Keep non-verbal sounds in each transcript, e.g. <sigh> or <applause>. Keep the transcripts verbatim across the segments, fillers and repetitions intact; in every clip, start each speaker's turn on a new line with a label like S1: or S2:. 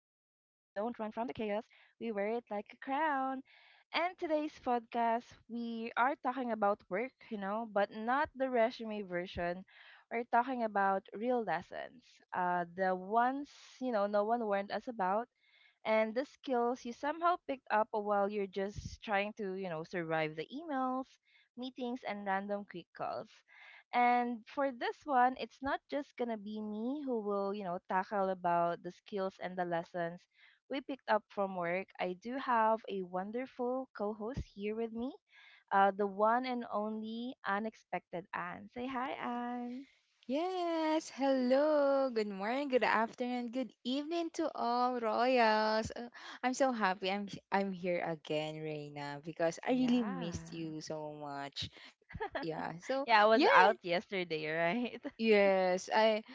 S1: don't run from the chaos, we wear it like a crown. And today's podcast, we are talking about work, you know, but not the resume version. We're talking about real lessons, uh, the ones, you know, no one warned us about, and the skills you somehow picked up while you're just trying to, you know, survive the emails, meetings, and random quick calls. And for this one, it's not just gonna be me who will, you know, tackle about the skills and the lessons we picked up from work. I do have a wonderful co-host here with me, uh, the one and only unexpected Anne. Say hi, Anne.
S2: Yes, hello, good morning, good afternoon, good evening to all royals. Uh, I'm so happy I'm I'm here again, Reina, because I really
S1: Yeah.
S2: missed you so much. Yeah,
S1: <laughs>
S2: so
S1: Yeah, I was
S2: yeah,
S1: out yesterday, right?
S2: Yes, I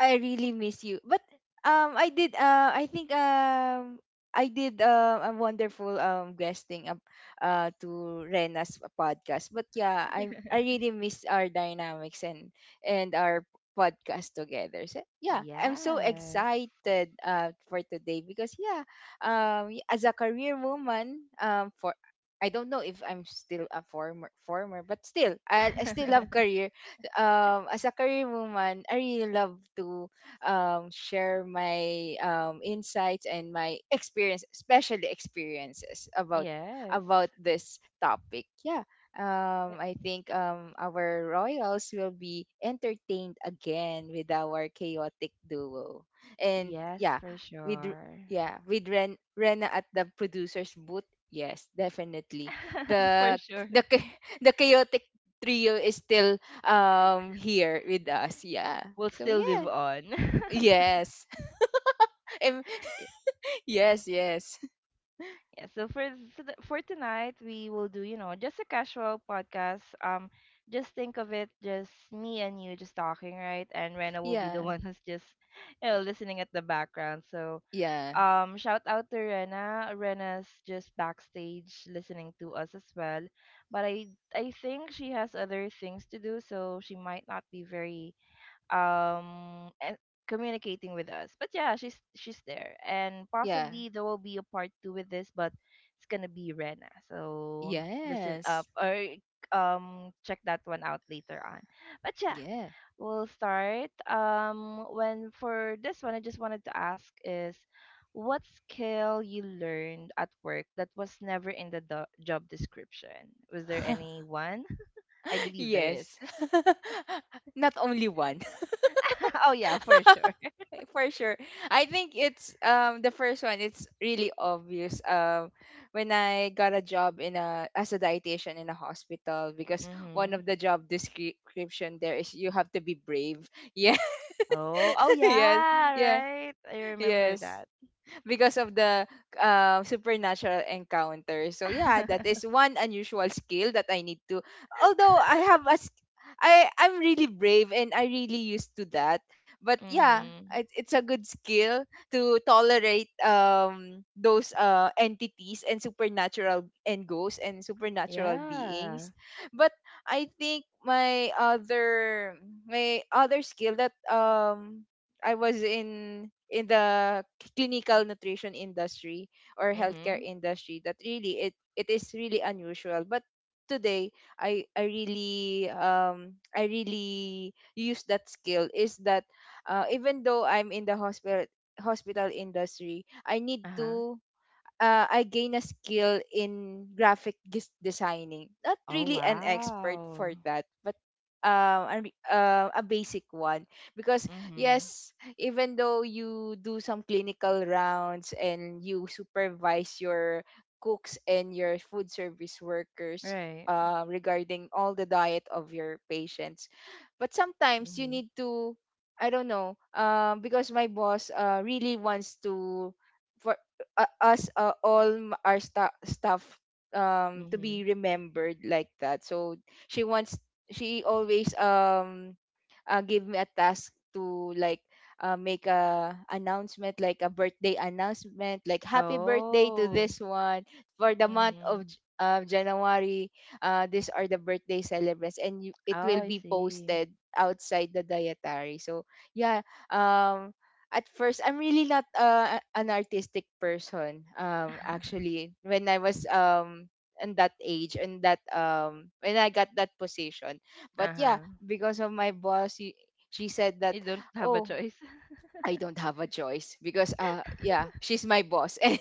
S2: I really miss you. But um I did uh I think um I did uh, a wonderful um guesting up uh to Rena's podcast. But yeah, I I really miss our dynamics and and our podcast together. So
S1: <laughs>
S2: yeah, I'm so
S1: Yes.
S2: excited uh for today because yeah, um y- as a career woman um for I don't know if I'm still a former former, but still I, I still love
S1: <laughs>
S2: career. Um, as a career woman, I really love to um, share my um, insights and my experience, especially experiences about
S1: Yes.
S2: about this topic. Yeah. Um,
S1: Yes.
S2: I think um, our royals will be entertained again with our chaotic duo, and
S1: Yes,
S2: yeah,
S1: for
S2: with
S1: sure.
S2: yeah with Ren Rena at the producer's booth. Yes, definitely.
S1: <laughs> For
S2: The
S1: sure.
S2: the cha- <laughs> the chaotic trio is still um here with us. Yeah,
S1: We'll
S2: so
S1: still live
S2: yeah
S1: on. <laughs>
S2: yes. <laughs> Em-
S1: Y-
S2: yes yes
S1: Yeah, so for so th- for tonight we will do, you know, just a casual podcast. Um just think of it, just me and you just talking, right? And Rena will be the <laughs>
S2: yeah
S1: one who's just you know listening at the background. So
S2: yeah
S1: um, shout out to Rena. Rena's just backstage listening to us as well, but I I think she has other things to do, so she might not be very um and communicating with us. But yeah, she's she's there, and
S2: yeah
S1: possibly there will be a part two with this, but it's gonna be Rena. So listen up
S2: yes
S1: or um check that one out later on. But yeah,
S2: yeah
S1: we'll start. Um, when for this one, I just wanted to ask is what skill you learned at work that was never in the do- job description? Was there
S2: <laughs>
S1: any one? I believe there is.
S2: yes <laughs> not only one.
S1: <laughs> Oh yeah, for sure.
S2: <laughs> for sure. I think it's um the first one. It's really obvious. Um when I got a job in a, as a dietitian in a hospital, because one
S1: Mhm.
S2: of the job description there is you have to be brave. <laughs> yeah,
S1: Oh, oh
S2: yes,
S1: yeah,
S2: yeah,
S1: right. I remember
S2: yes,
S1: that.
S2: because of the uh, supernatural encounter. So yeah, that is
S1: <laughs>
S2: one unusual skill that I need to. Although I have a, s- I I'm really brave and I really used to that. But yeah, it,
S1: Mhm.
S2: it's a good skill to tolerate um those uh entities and supernatural and ghosts and supernatural
S1: Yeah.
S2: beings. But I think my other my other skill that um I was in in the clinical nutrition industry or healthcare
S1: Mhm.
S2: industry, that really it it is really unusual, but today I I really um I really use that skill is that uh, even though I'm in the hospital hospital industry, I need
S1: Uh-huh.
S2: to, uh, I gain a skill in graphic gis- designing. Not
S1: Oh
S2: really an expert for
S1: wow.
S2: that, but um, a, re- uh, a basic one. Because
S1: Mhm.
S2: yes, even though you do some clinical rounds and you supervise your cooks and your food service workers
S1: Right.
S2: uh, regarding all the diet of your patients, but sometimes you
S1: Mhm.
S2: need to. I don't know, um, because my boss uh, really wants to for uh, us, uh, all m- our sta- staff um to be
S1: Mhm.
S2: remembered like that. So she wants she always um uh, give me a task to, like, uh, make a announcement like a birthday announcement, like happy birthday to
S1: Oh.
S2: this one for the month
S1: Mhm.
S2: of J- uh, January. Uh, these are the birthday celebrants and you, it
S1: Oh,
S2: will
S1: I
S2: be
S1: see.
S2: posted outside the dietary. So yeah, um at first I'm really not uh, a- an artistic person, um actually, when I was um in that age and that um when I got that position. But yeah,
S1: Uh-huh.
S2: because of my boss, he, she said that,
S1: You don't have a
S2: oh,
S1: choice.
S2: I don't have a choice because uh yeah, she's my boss, <laughs> and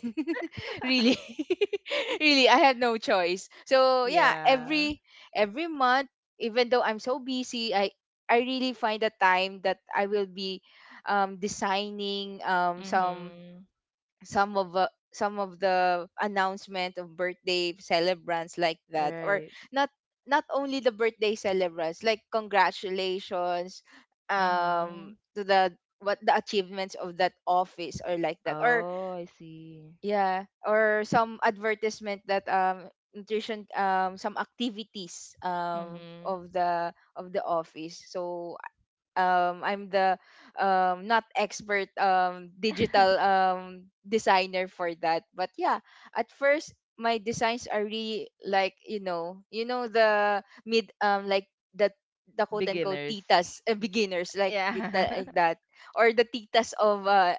S2: really,
S1: <laughs>
S2: <laughs> really I have no choice. So yeah,
S1: Yeah.
S2: every every month, even though I'm so busy, i i really find a time that I will be um, designing um, some
S1: Mhm.
S2: some of uh, some of the announcement of birthday celebrants like that, or
S1: Right.
S2: not, not only the birthday celebrants, like congratulations um
S1: Mhm.
S2: to the, what, the achievements of that office, or like that, or
S1: Oh, I see.
S2: yeah, or some advertisement that um nutrition, um some activities um
S1: Mhm.
S2: of the of the office. So um I'm the um not expert um digital
S1: <laughs>
S2: um designer for that. But yeah, at first my designs are really like, you know, you know, the mid, um like the the quote unquote
S1: Beginners.
S2: titas, <laughs> uh, beginners like g-
S1: Yeah.
S2: that, like
S1: <laughs>
S2: that, or the titas of uh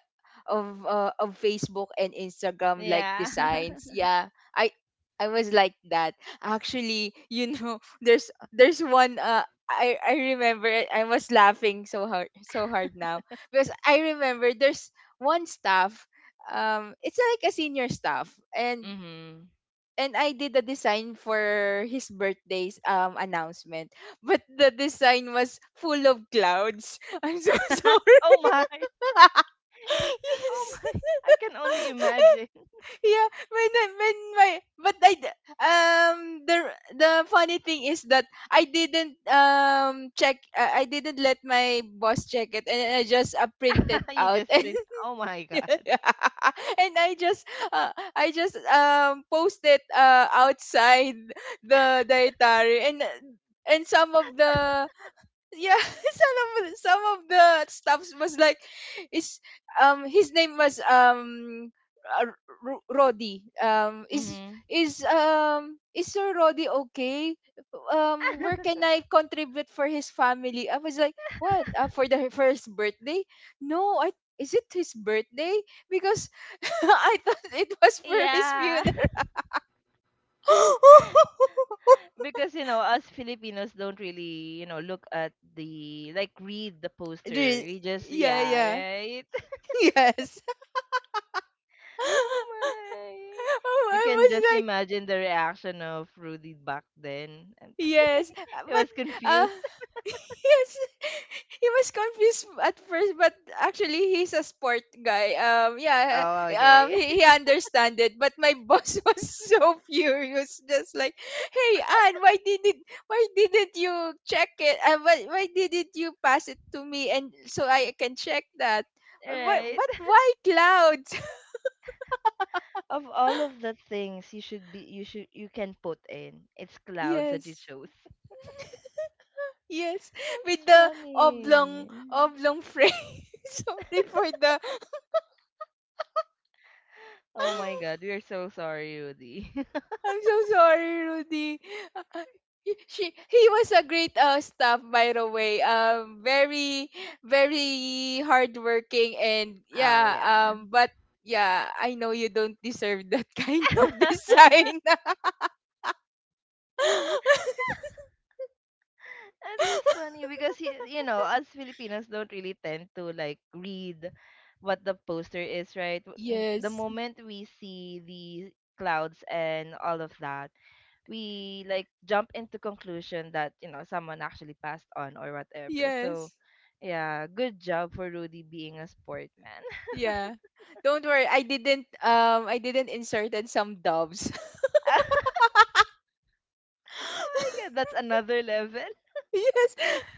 S2: of uh, of Facebook and Instagram, like
S1: Yeah.
S2: designs.
S1: <laughs>
S2: Yeah. I I was like that. Actually, you know, <laughs> there's there's one, uh, I I remember it. I was laughing so hard so hard now, because I remember there's one staff, um it's like a senior staff, and
S1: Mhm.
S2: and I did a design for his birthday's um announcement, but the design was full of clouds. <laughs> I'm so
S1: <laughs>
S2: sorry.
S1: Oh my.
S2: <laughs>
S1: Oh
S2: yes.
S1: my. I can only
S2: <laughs>
S1: imagine.
S2: Yeah, when I- when my, but I d- um the the funny thing is that I didn't um check, uh, I didn't let my boss check it and I just uh, printed
S1: <laughs> You
S2: out, <laughs>
S1: just
S2: and
S1: print. Oh my
S2: <laughs>
S1: God.
S2: and I just uh, I just um posted uh outside the dietary and uh, and some of the, yeah, <laughs> some of some of the stuffs was like, is um his name was um uh, R- Roddy, um is
S1: Mhm.
S2: is um is Sir Roddy, okay, um where can I contribute for his family? I was like what, uh, for the, <laughs> for his birthday? No, I, is it his birthday? Because <laughs> I thought it was for his
S1: Yeah.
S2: funeral.
S1: <laughs> Because you know us Filipinos don't really you know look at the like read the
S2: <laughs>
S1: poster.
S2: Re-
S1: We just
S2: yeah,
S1: yeah
S2: yeah,
S1: right.
S2: <laughs> yes. <laughs>
S1: <laughs> Oh
S2: <laughs>
S1: my!
S2: Oh,
S1: You
S2: I
S1: can just
S2: was like,
S1: imagine the reaction of Rudy back then, and
S2: yes, uh,
S1: <laughs> it
S2: but
S1: was
S2: uh,
S1: confused.
S2: <laughs> yes, <laughs> he was confused at first, but actually he's a sport guy. Um,
S1: <laughs>
S2: yeah,
S1: Oh
S2: um,
S1: okay,
S2: he, he understand it. But my boss <laughs> was so furious, just like, hey, Anne, why didn't, why didn't you check it? And why why didn't you pass it to me and so I can check that?
S1: <laughs>
S2: What
S1: right.
S2: what why clouds?
S1: Of all of the things you should be you should you can put in, it's
S2: <laughs>
S1: clouds that you
S2: yes.
S1: chose. <laughs>
S2: Yes,
S1: That's
S2: with the oblong
S1: funny.
S2: oblong frame. <laughs> sorry for the.
S1: Oh my god,
S2: <gasps>
S1: we are so sorry, Rudy. <laughs>
S2: I'm so sorry, Rudy. Uh, He- She he was a great uh, staff, by the way. Um very, very hardworking, and
S1: Oh
S2: yeah,
S1: yeah.
S2: um but yeah, I know you don't deserve that <laughs> kind of
S1: <laughs>
S2: design. <laughs>
S1: That's funny because you, you know, us Filipinos don't really tend to like read what the poster is, right? W- n- The
S2: Yes.
S1: moment we see the clouds and all of that, we like jump into conclusion that, you know, someone actually passed on or whatever. So,
S2: Yes.
S1: yeah, good job for Rudy being a sport man.
S2: Yeah. Don't worry, I didn't um I didn't inserted some doves.
S1: <laughs> Oh my god, that's
S2: <laughs>
S1: another level.
S2: Yes. <laughs>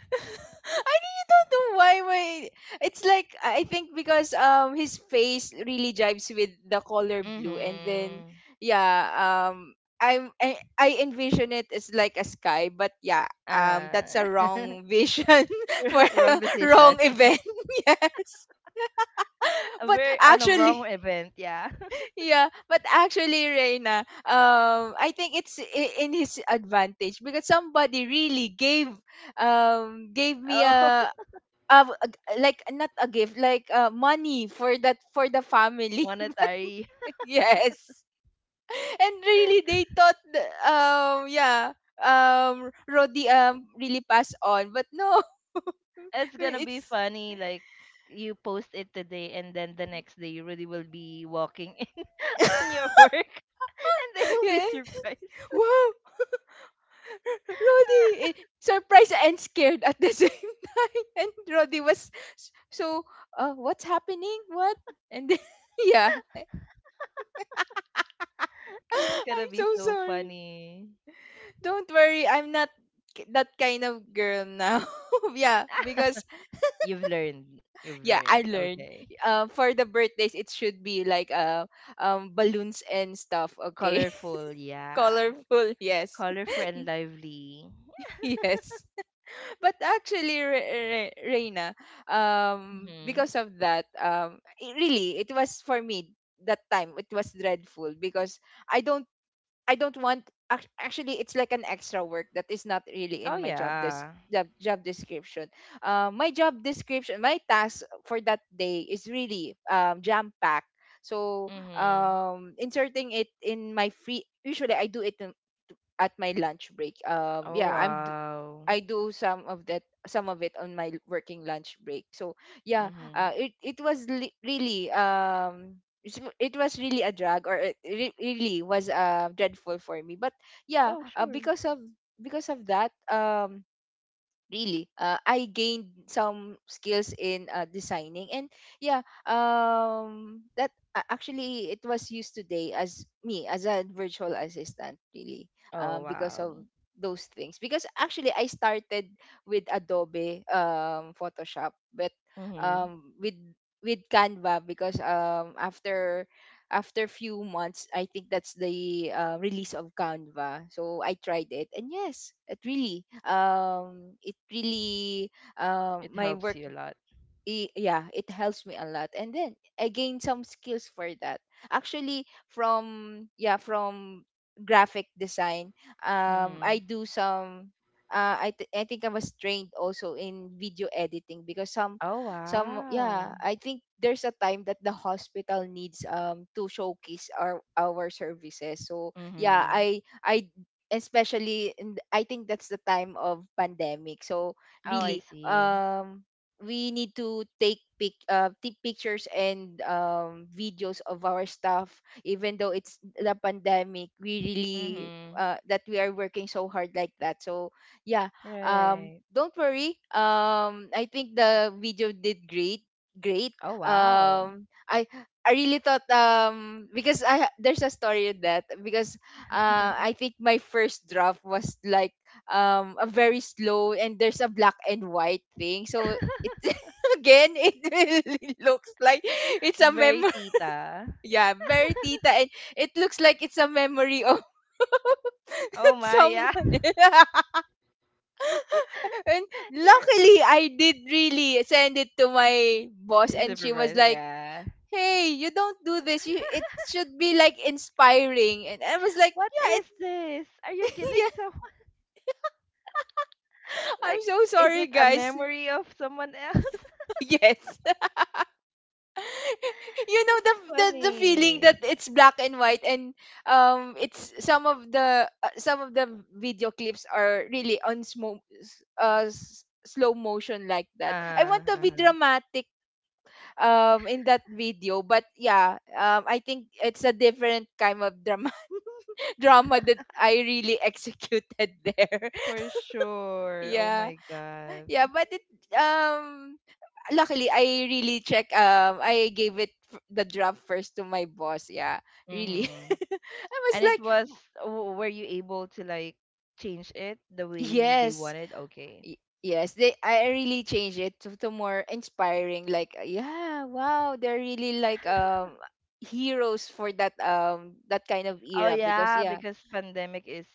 S2: I really don't know why my, it's like I I think because um his face really jives with the color blue, and then
S1: Mhm.
S2: yeah, um I'm I, I envision it as like a sky, but yeah, um
S1: Uh,
S2: that's a
S1: <laughs>
S2: wrong vision <laughs> for a
S1: wrong decision.
S2: wrong event. <laughs> Yes.
S1: <laughs> A
S2: But
S1: very on a wrong
S2: actually,
S1: event, yeah. <laughs>
S2: yeah, but actually, Reina, um, I think it's i- in his advantage, because somebody really gave, um, gave me
S1: Oh, <laughs>
S2: a, a a- like not a gift, like uh, money for that, for the family.
S1: monetary.
S2: <laughs> yes, and really they thought, th- um, yeah, um, Rodi um really passed on, but no, <laughs>
S1: It's gonna be
S2: it's
S1: funny. Like you post it today, and then the next day you really will be walking in <laughs> on your work, and they
S2: <laughs>
S1: will be
S2: yeah,
S1: surprised <laughs>
S2: wow, Roddy, eh, surprised and scared at the <laughs> same time.
S1: for
S2: And
S1: sure.
S2: Roddy was
S1: At
S2: s-
S1: the same
S2: so,
S1: time,
S2: uh,
S1: oh my
S2: what's
S1: god,
S2: happening? What? And then, <laughs> yeah, I-
S1: <laughs>
S2: <laughs>
S1: that's gonna be
S2: I'm so
S1: so
S2: sorry.
S1: funny.
S2: Don't worry, I'm not k- that kind of girl now. <laughs> yeah, because
S1: You've learned. You've
S2: yeah,
S1: learned.
S2: I learned.
S1: Okay.
S2: Um, for the birthdays, it should be like uh, um, balloons and stuff. Okay,
S1: Colorful,
S2: <laughs>
S1: yeah.
S2: colorful. Yes,
S1: Colorful and lively.
S2: <laughs> yes. But actually, Re- Re- Reina, um,
S1: Mm-hmm.
S2: because of that, um, it really, it was for me that time. It was dreadful because I don't, I don't want. Ac- Actually, it's like an extra work that is not really
S1: Oh
S2: in my job des-
S1: yeah.
S2: job, job description. Uh, my job description, my task for that day is really um, jam packed. So
S1: Mm-hmm.
S2: um, inserting it in my free. Usually, I do it in, at my lunch break. Um,
S1: Oh
S2: yeah, I'm,
S1: wow.
S2: I do some of that some of it on my working lunch break. So yeah,
S1: Mm-hmm.
S2: uh, it it was li- really um it's- it was really a drag, or it re- really was uh dreadful for me. But yeah,
S1: Oh
S2: uh,
S1: sure.
S2: because of, because of that um really, uh, I gained some skills in uh, designing, and yeah, um that a- actually it was used today as me as a virtual assistant, really,
S1: Oh,
S2: um because
S1: wow.
S2: of those things, because actually I started with Adobe um Photoshop, but
S1: Mm-hmm.
S2: um with with Canva, because um after, after few months, I think that's the uh, release of Canva. So I tried it, and yes, it really, um, it really,
S1: It
S2: um, my
S1: helps
S2: work,
S1: you a lot.
S2: i- yeah, it helps me a lot. And then I gain some skills for that. Actually, from yeah, from graphic design, um, I
S1: Mm-hmm.
S2: do some. Uh, I th- I think I was trained also in video editing because some
S1: Oh,
S2: some yeah,
S1: wow.
S2: I think there's a time that the hospital needs um to showcase our our services. So yeah,
S1: Mm-hmm.
S2: I I especially in, I think that's the time of pandemic, so
S1: Oh, I
S2: really
S1: see.
S2: um we need to take pic uh, take pictures and um, videos of our stuff. Even though it's the pandemic, we really
S1: Mm-hmm.
S2: uh, that we are working so hard like that. So yeah, um
S1: Right.
S2: don't worry. um I think the video did great great
S1: Oh, wow.
S2: um i i really thought, um because i ha- there's a story in that. Because uh I think my first draft was like um a very slow, and there's a black and white thing. So it
S1: <laughs>
S2: <laughs> again, it really <laughs> looks like it's a
S1: Very
S2: memory.
S1: tita.
S2: <laughs> Yeah, very tita. And it looks like it's a memory of
S1: Oh
S2: <laughs>
S1: my,
S2: someone.
S1: yeah.
S2: <laughs> And
S1: <laughs> You're
S2: luckily, I did really send it to my boss,
S1: a
S2: and she was
S1: supervisor,
S2: like,
S1: yeah.
S2: hey, you don't do this. You, it should be like inspiring. And I was like,
S1: What
S2: yeah, it
S1: is this? Are you
S2: <laughs> yeah,
S1: killing someone? <laughs>
S2: I'm
S1: Like,
S2: so
S1: is
S2: sorry,
S1: it a
S2: guys.
S1: memory of someone else? <laughs>
S2: <laughs> Yes. <laughs> <laughs> you know
S1: That's
S2: the, the the feeling
S1: funny.
S2: that it's black and white. And um it's some of the uh, some of the video clips are really on smo- s- uh, s- slow motion, like
S1: Uh,
S2: that. I want to be
S1: uh-huh.
S2: dramatic um in that video. But yeah, um I think it's a different kind of drama. <laughs> Drama that I really executed there.
S1: For
S2: <laughs>
S1: sure. Oh
S2: Yeah.
S1: my god.
S2: Yeah, but it um luckily, I really check. um I gave it f- the draft first to my boss. Yeah, really. <laughs>
S1: Mm-hmm.
S2: I was
S1: And it
S2: like,
S1: was w- were you able to like change it the way they
S2: yes.
S1: wanted? Okay.
S2: Y- yes, they, I really changed it to, to more inspiring, like uh, yeah. Wow, they're really like um heroes for that, um that kind of
S1: Oh
S2: era. Because
S1: yeah,
S2: yeah.
S1: because pandemic is,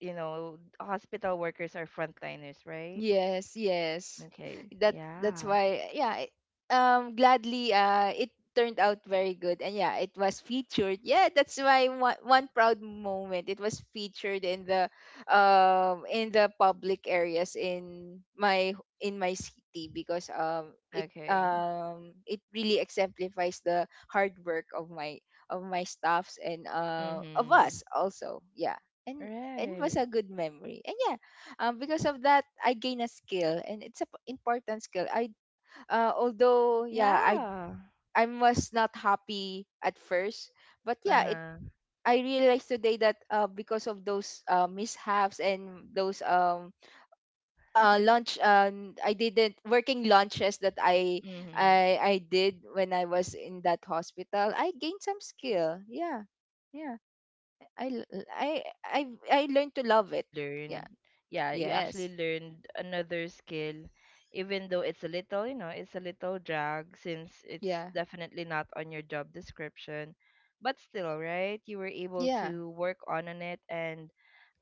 S1: you know, hospital workers are frontliners, right?
S2: Yes, yes.
S1: Okay.
S2: That that's
S1: Yeah.
S2: why, yeah. I- um gladly, uh it turned out very good. And yeah, it was featured. Yeah, that's why one, one proud moment. It was featured in the um in the public areas in my in my city. Because um it
S1: Okay.
S2: um it really exemplifies the hard work of my of my staffs and uh of
S1: Mhm.
S2: us also. Yeah. And and it was
S1: Right.
S2: a good memory. And yeah, um, because of that, I gain a skill, and it's an important skill. I uh, Although yeah, i
S1: Yeah.
S2: I was not happy at first, but yeah, it,
S1: Uh-huh.
S2: I realized today that uh, because of those uh, mishaps and those um uh, lunch, um, I didn't, working lunches that i
S1: Mhm.
S2: i i did when I was in that hospital, I gained some skill. Yeah. Yeah.
S1: Yeah, it, it's
S2: I l-
S1: another
S2: I
S1: good thing
S2: I, I
S1: wherein
S2: learned
S1: you
S2: to love
S1: actually
S2: it. Yeah.
S1: learn. Yeah, you actually
S2: Yes.
S1: learned another skill, even though it's a little, you know, it's a little drag since it's
S2: Yeah.
S1: definitely not on your job description. But still, right? You were able
S2: Yeah.
S1: to work on on it and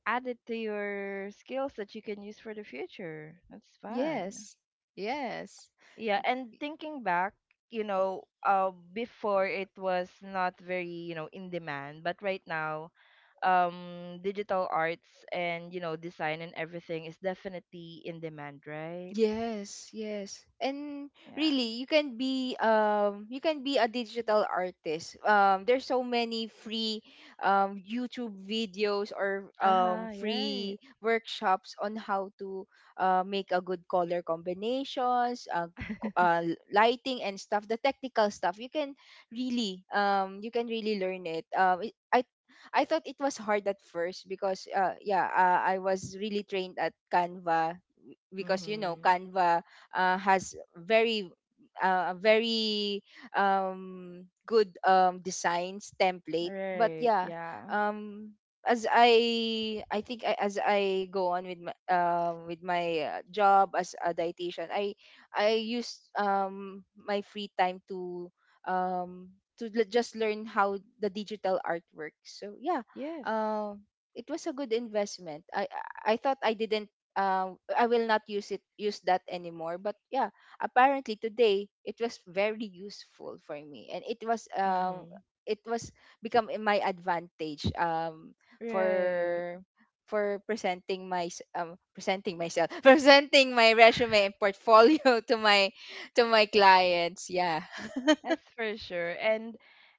S1: add it to your skills that you can use for the future. That's fun.
S2: Yes, yes.
S1: Yeah, and thinking back, you know, uh, before it was not very, you know, in demand, but right now, um, digital arts and, you know, design and everything is definitely in demand, right?
S2: Yes, yes. And
S1: Yeah.
S2: really, you can be um you can be a digital artist. Um there's so many free um YouTube videos or um
S1: Uh-huh, right.
S2: free workshops on how to uh, make a good color combinations, uh, co- uh lighting and stuff, the technical stuff. You can really um you can really learn it. Um it, I I thought it was hard at first, because uh yeah, uh, I was really trained at Canva. Because you know,
S1: Mm-hmm.
S2: Canva uh, has very uh, a very um, good, um, designs template. But
S1: Right.
S2: yeah,
S1: Yeah.
S2: um, as I I think I, as I go on with my um with my uh, job as a dietitian, I I use um my free time to um to l- just learn how the digital art works. So yeah,
S1: Yes.
S2: um it was a good investment. I I I thought I didn't um I will not use it use that anymore. But yeah, apparently today it was very useful for me. And it was um
S1: Mm-hmm.
S2: it was become in my advantage, um
S1: Right.
S2: for for presenting my s- um presenting myself <laughs> presenting my resume and portfolio <laughs> to my to my clients. Yeah. <laughs>
S1: That's for sure. And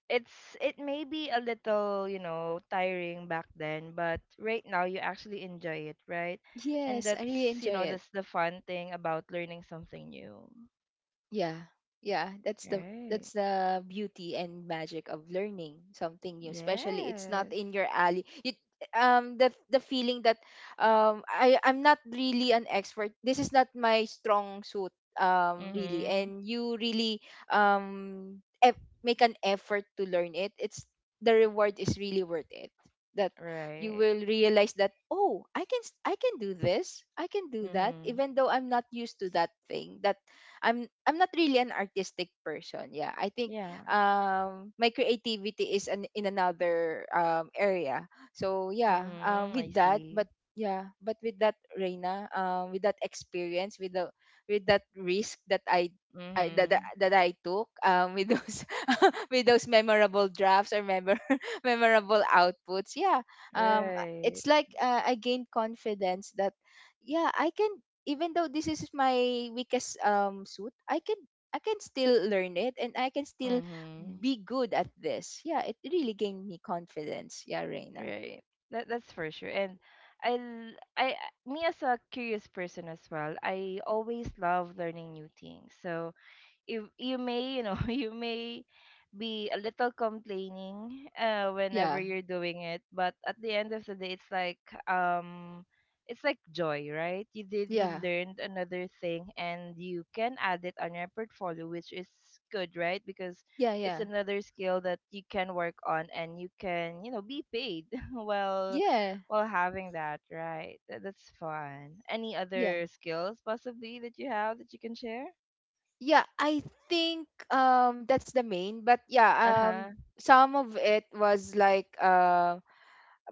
S1: it's it may be a little, you know, tiring back then, but right now you actually enjoy it, right? And
S2: Yes, I really
S1: that's,
S2: enjoy
S1: you know,
S2: it.
S1: that's the fun thing about learning something new.
S2: Yeah. Yeah, that's the
S1: Right.
S2: that's the beauty and magic of learning something new, especially it's not
S1: Yes.
S2: in your alley. You, um the the feeling that um I I'm not really an expert. This is not my strong suit, um really.
S1: Mhm.
S2: And you really um eff- make an effort to learn it. It's, the reward is really worth it. That you
S1: Right.
S2: will realize that, oh, I can s- I can do this. I can do that,
S1: Mhm.
S2: even though I'm not used to that thing. That I'm I'm not really an artistic person. Yeah, I think
S1: Yeah.
S2: um my creativity is an, in another um area. So yeah, um
S1: Mhm. I
S2: with that,
S1: see.
S2: but yeah, but with that Reina, um with that experience, with the with that risk that I I, that, that
S1: Mhm.
S2: that I took, um, with those <laughs> with those memorable drafts or memor- <laughs> memorable outputs. Yeah. um
S1: Right.
S2: it's like uh, I gained confidence that yeah, I can. Even though this is my weakest um suit, I can I can still learn it, and I can still
S1: Mhm.
S2: be good at this. Yeah, it really gained me confidence. Yeah, Reina.
S1: Right. That that's for sure. And I l- I I- me as a curious person as well, I always love learning new things. So you you may you know <laughs> you may be a little complaining uh whenever
S2: Yeah.
S1: you're doing it but at the end of the day it's like um it's like joy, right? You did you
S2: Yeah.
S1: learned another thing and you can add it on your portfolio, which is good, right? Because
S2: Yeah,
S1: it's
S2: yeah.
S1: another skill that you can work on and you can you know be paid <laughs> while
S2: Yeah.
S1: while having that, right? That- that's fun. Any
S2: Yeah.
S1: other skills possibly that you have that you can share?
S2: Yeah, I think um that's the main. But yeah,
S1: Uh-huh.
S2: um some of it was like, um,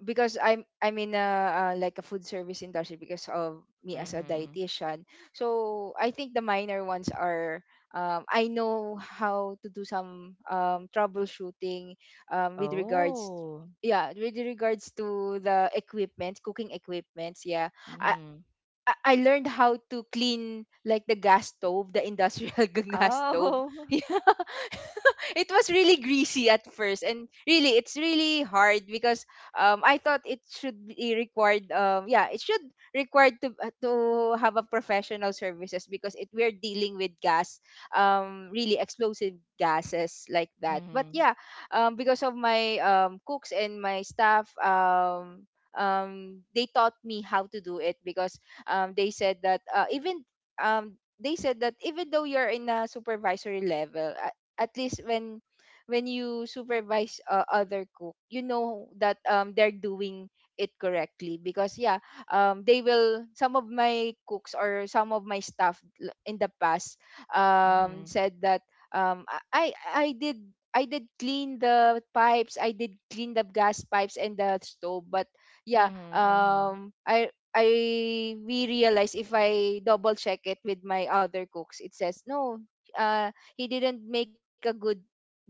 S2: because I'm I'm in a uh, like a food service industry, because of me as a
S1: Mhm.
S2: dietitian. So I think the minor ones are, um, I know how to do some um, troubleshooting, um, with regards,
S1: Oh.
S2: yeah, with regards to the equipment, cooking equipments. Yeah. I,
S1: Mhm.
S2: I I learned how to clean like the gas stove, the industrial <laughs> gas stove.
S1: Oh. <laughs>
S2: <laughs> <laughs> It was really greasy at first, and really, it's really hard. Because um I thought it should be required. Um yeah, it should required to uh, to have a professional services, because it, we're dealing with gas, um really explosive gases like that. But
S1: Mhm.
S2: yeah, um because of my um cooks and my staff, um um they taught me how to do it. Because um they said that, uh, even um they said that, even though you're in a supervisory level, at least when when you supervise uh, other cook, you know that um they're doing it correctly. Because yeah, um they will, some of my cooks or some of my staff l- in the past um
S1: Mhm.
S2: said that, um i i I did, I did clean the pipes. I did clean the gas pipes and the stove. But yeah,
S1: Mhm. Mhm.
S2: um, I I we realized if I double check it with my other cooks, it says no. uh, he didn't make a good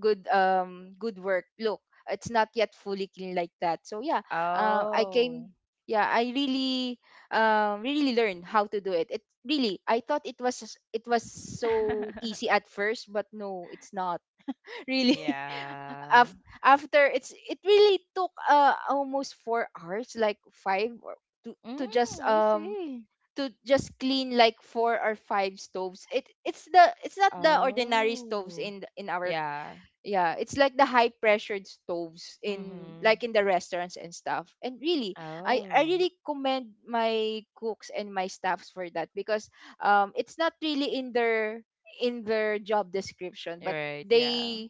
S2: good um good work look. It's not yet fully clean, like that. So yeah, uh, I came
S1: Oh.
S2: yeah I really um really learned how to do it. It really, I thought it was s- it was so easy
S1: <laughs>
S2: at first, but no, it's not. <laughs> Really.
S1: Yeah.
S2: Af- After it's, it really took uh almost four hours, like five, or to
S1: Mm,
S2: to just
S1: I
S2: um
S1: see.
S2: to just clean like four or five stoves. It it's the it's not the ordinary stoves
S1: Oh.
S2: in the- in our,
S1: Yeah.
S2: yeah, it's like the high pressured stoves in like
S1: Mhm.
S2: in the restaurants and stuff. And really, I I
S1: Oh.
S2: really commend my cooks and my staffs for that. Because um it's not really in their in their job description. But
S1: Right, yeah.
S2: they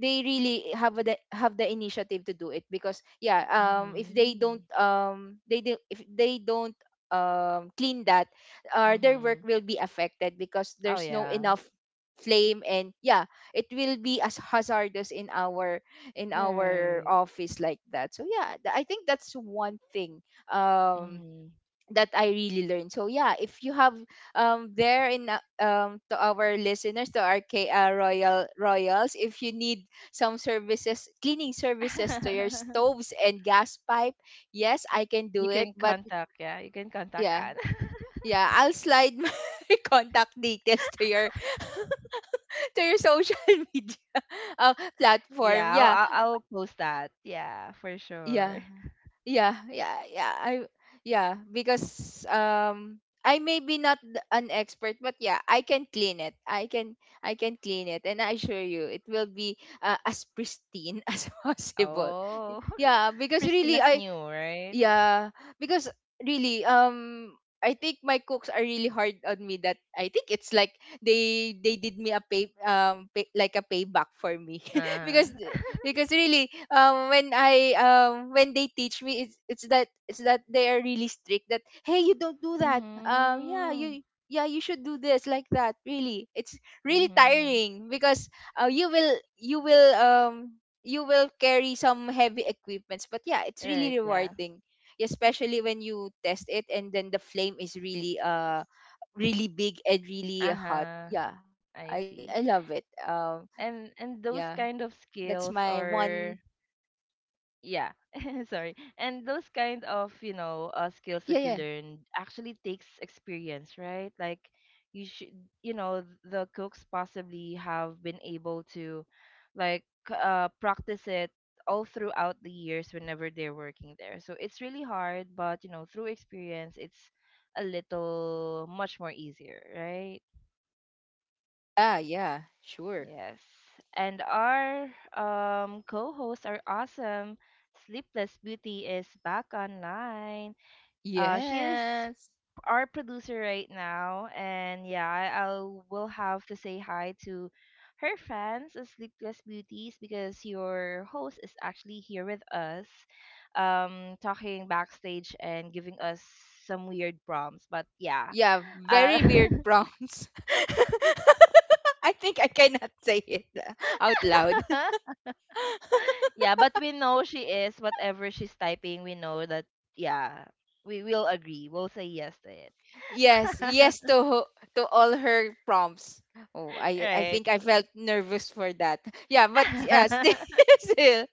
S2: they really have the have the initiative to do it. Because yeah, um if they don't,
S1: Mhm.
S2: um they do, if they don't um clean that, uh, their work
S1: Mhm.
S2: will be affected. Because
S1: Oh
S2: there's no
S1: yeah.
S2: enough flame. And yeah, it will be as hazardous in our in our
S1: Right.
S2: office, like that. So yeah, th- I think that's one thing um
S1: Mhm.
S2: that I really learned. So yeah, if you have um there in uh, um to our listeners, to our K, uh, royal royals, if you need some services, cleaning services to your
S1: <laughs>
S2: stoves and gas pipe, yes, I can do
S1: You
S2: it.
S1: can
S2: But
S1: contact, yeah, you can contact
S2: yeah.
S1: Anne. <laughs>
S2: Yeah, I'll slide <laughs> my contact details to your to your social <laughs> media uh,
S1: Yeah,
S2: platform.
S1: I'll,
S2: Yeah.
S1: I'll I'll post that. Yeah, for sure.
S2: Yeah. Yeah, yeah, yeah. I yeah, because um I may be not th- an expert, but yeah, I can clean it. I can I can clean it, and I assure you it will be uh, as pristine <laughs> as possible. Y-
S1: Oh, <laughs>
S2: Yeah, because really,
S1: Christina's
S2: I
S1: new, right?
S2: yeah, because really, um, I think my cooks are really hard on me. That I think it's like they they did me a pay um pay, like a payback for me. <laughs>
S1: Uh,
S2: because because really um when I um when they teach me, it's it's that, it's that they are really strict, that hey, you don't do that. Um yeah,
S1: mhm,
S2: you, yeah, you should do this, like that. Really, it's really
S1: mhm.
S2: tiring. Because uh, you will, you will um you will carry some heavy equipments. But yeah, it's
S1: Right,
S2: really
S1: yeah.
S2: rewarding, especially when you test it and then the flame is really uh really big and really
S1: Uh
S2: hot.
S1: huh.
S2: Yeah, I I
S1: I
S2: love
S1: see.
S2: it. Um, yeah,
S1: And and those
S2: that's
S1: kind of
S2: my
S1: skills
S2: one.
S1: are yeah <laughs> sorry and those kind of you know uh,
S2: Yeah, yeah,
S1: skills that you learn actually takes experience, right? Like you should you know the cooks possibly have been able to like uh, practice it all throughout the years whenever they're working there so it's really hard but you know through experience it's a little much more easier, right?
S2: ah, yeah, sure.
S1: Yes. And our um, co host, our awesome Sleepless Beauty, is back online. Uh, she is
S2: Yes.
S1: our producer right now. And yeah, I, I will have to say hi to her fans of Sleepless Beauties because your host is actually here with us, um, talking backstage and giving us some weird prompts. But yeah.
S2: Yeah,
S1: Uh,
S2: very weird prompts. <laughs> I think I cannot say it uh, out loud.
S1: <laughs> yeah, but we know she is whatever she's typing. We know that yeah, we will agree. We'll say yes to it.
S2: Yes, yes, to ho- to all her prompts. Oh,
S1: <laughs>
S2: I I
S1: Right.
S2: think I felt nervous for that. <laughs> Yeah, but yeah, still,
S1: <laughs>
S2: <laughs> still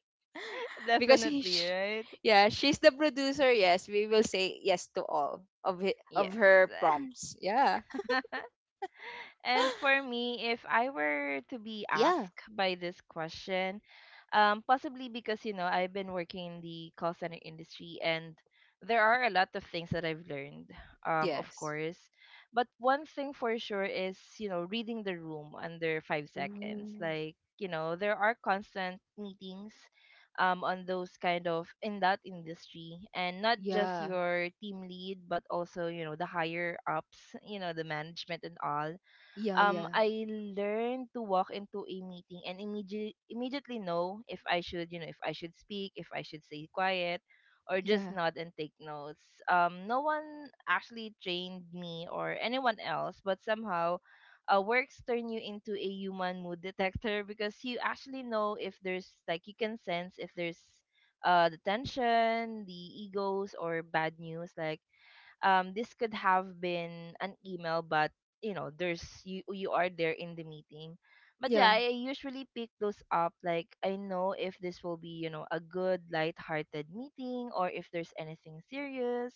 S2: because he,
S1: Definitely,
S2: sh-
S1: right?
S2: yeah, she's the producer. Yes, we will say yes to all of hi- of
S1: Yes.
S2: her prompts. Yeah.
S1: <laughs> And for
S2: <gasps>
S1: me, if I were to be
S2: Yeah.
S1: asked by this question, um, possibly because you know I've been working in the call center industry, and there are a lot of things that I've learned, um, of
S2: Yes.
S1: course. But one thing for sure is you know reading the room under five seconds.
S2: Ooh.
S1: Like you know there are constant meetings. Um, on those kind of in that industry and not just
S2: Yeah,
S1: your team lead but also you know the higher ups you know the management and all
S2: yeah,
S1: um,
S2: yeah,
S1: I learned to walk into a meeting and immediately immediately know if I should, you know, if I should speak, if I should stay quiet, or just
S2: yeah,
S1: nod and take notes. Um, no one actually trained me or anyone else, but somehow, uh, works turn you into a human mood detector because you actually know if there's, like, you can sense if there's uh the tension, the egos, or bad news, like, um this could have been an email. But you know there's, you you are there in the meeting. But yeah,
S2: yeah,
S1: I usually pick those up. Like, I know if this will be, you know, a good light-hearted meeting or if there's anything serious.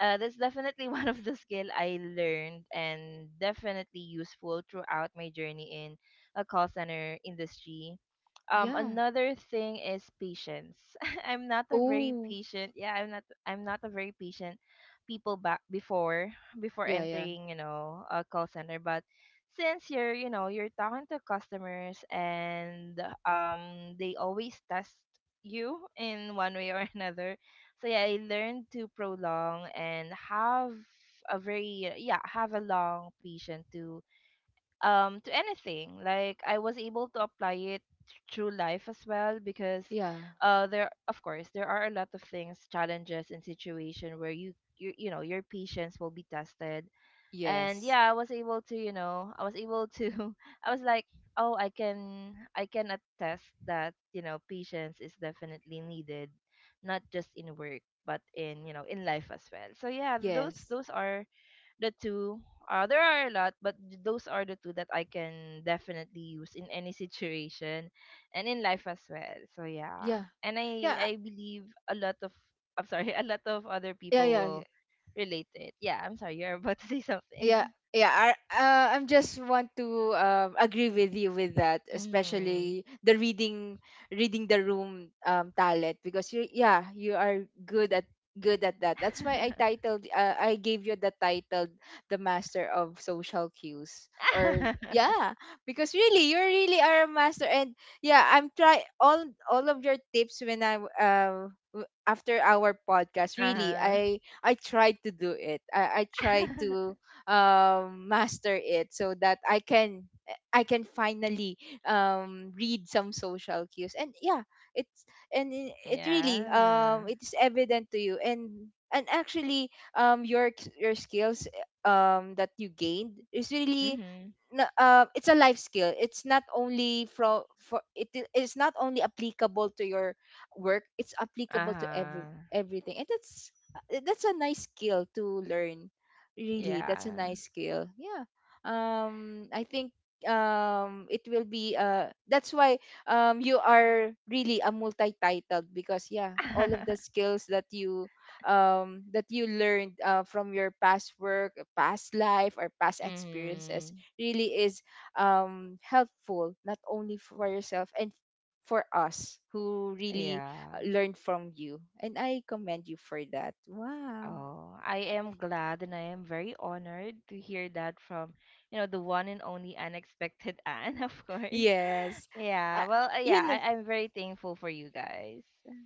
S1: uh, that's definitely <laughs> one of the skill I learned and definitely useful throughout my journey in a call center industry. um
S2: yeah.
S1: another thing is patience. <laughs> I'm not a very
S2: Oh,
S1: patient, yeah, i'm not i'm not a very patient people back before before
S2: yeah, yeah,
S1: entering, you know, a call center. But since you're, you know, you're talking to customers and um they always test you in one way or <laughs> another. So yeah, I learned to prolong and have a very, yeah, have a long patient to um to anything. Like, I was able to apply it through life as well, because
S2: yeah.
S1: uh there, of course there are a lot of things, challenges, and situation where you you, you know, your patience will be tested. And
S2: Yes,
S1: yeah, I was able to, you know, I was able to <laughs> I was like, oh, i can i can attest that, you know, patience is definitely needed not just in work but in, you know, in life as well. So yeah, those
S2: yes,
S1: those are the two. uh there are a lot, but th- those are the two that I can definitely use in any situation and in life as well. So yeah.
S2: yeah,
S1: And
S2: yeah,
S1: i
S2: uh,
S1: i believe a lot of, I'm sorry, <laughs> a lot of other
S2: yeah,
S1: people
S2: yeah.
S1: will relate to it. Yeah, I'm sorry, you're about to say something.
S2: Yeah, yeah. I uh, I'm just want to um, agree with you with that,
S1: <laughs> Mm.
S2: especially the reading reading the room, um, talent, because you, yeah, you are good at good at that. That's why I
S1: <laughs>
S2: titled uh, I gave you the title the master of social cues or yeah, because really you really are a master. And yeah, I'm try all all of your tips when I w- uh, w- after our podcast, really
S1: Uh-huh.
S2: I I tried to do it. I I tried
S1: <laughs>
S2: to um, master it so that I can I can finally um, read some social cues. And yeah, it's and i- it really
S1: Yeah.
S2: um, it is evident to you. And and actually um, your ex- your skills um, that you gained is really
S1: Mm-hmm.
S2: n- uh, it's a life skill. It's not only from for it I- it's not only applicable to your work. It's applicable to every
S1: Uh-huh.
S2: everything, and that's uh, that's a nice skill to learn. Really, that's a
S1: Yeah.
S2: nice skill. Yeah. Um, I think um it will be uh that's why um you are really a multi-titled, because yeah, all of the
S1: <laughs>
S2: skills that you um that you learned uh, from your past work, past life, or past experiences
S1: Mm-hmm.
S2: really is um, helpful not only for yourself and for us who really
S1: Yeah.
S2: uh, learn from you. And I commend you for that. Wow.
S1: Oh, I am glad and I am very honored to hear that from, you know, the one and only unexpected Anne, <laughs> of course.
S2: Yes. I,
S1: Yeah, well, uh, yeah,
S2: you know,
S1: I, I'm very thankful for you guys.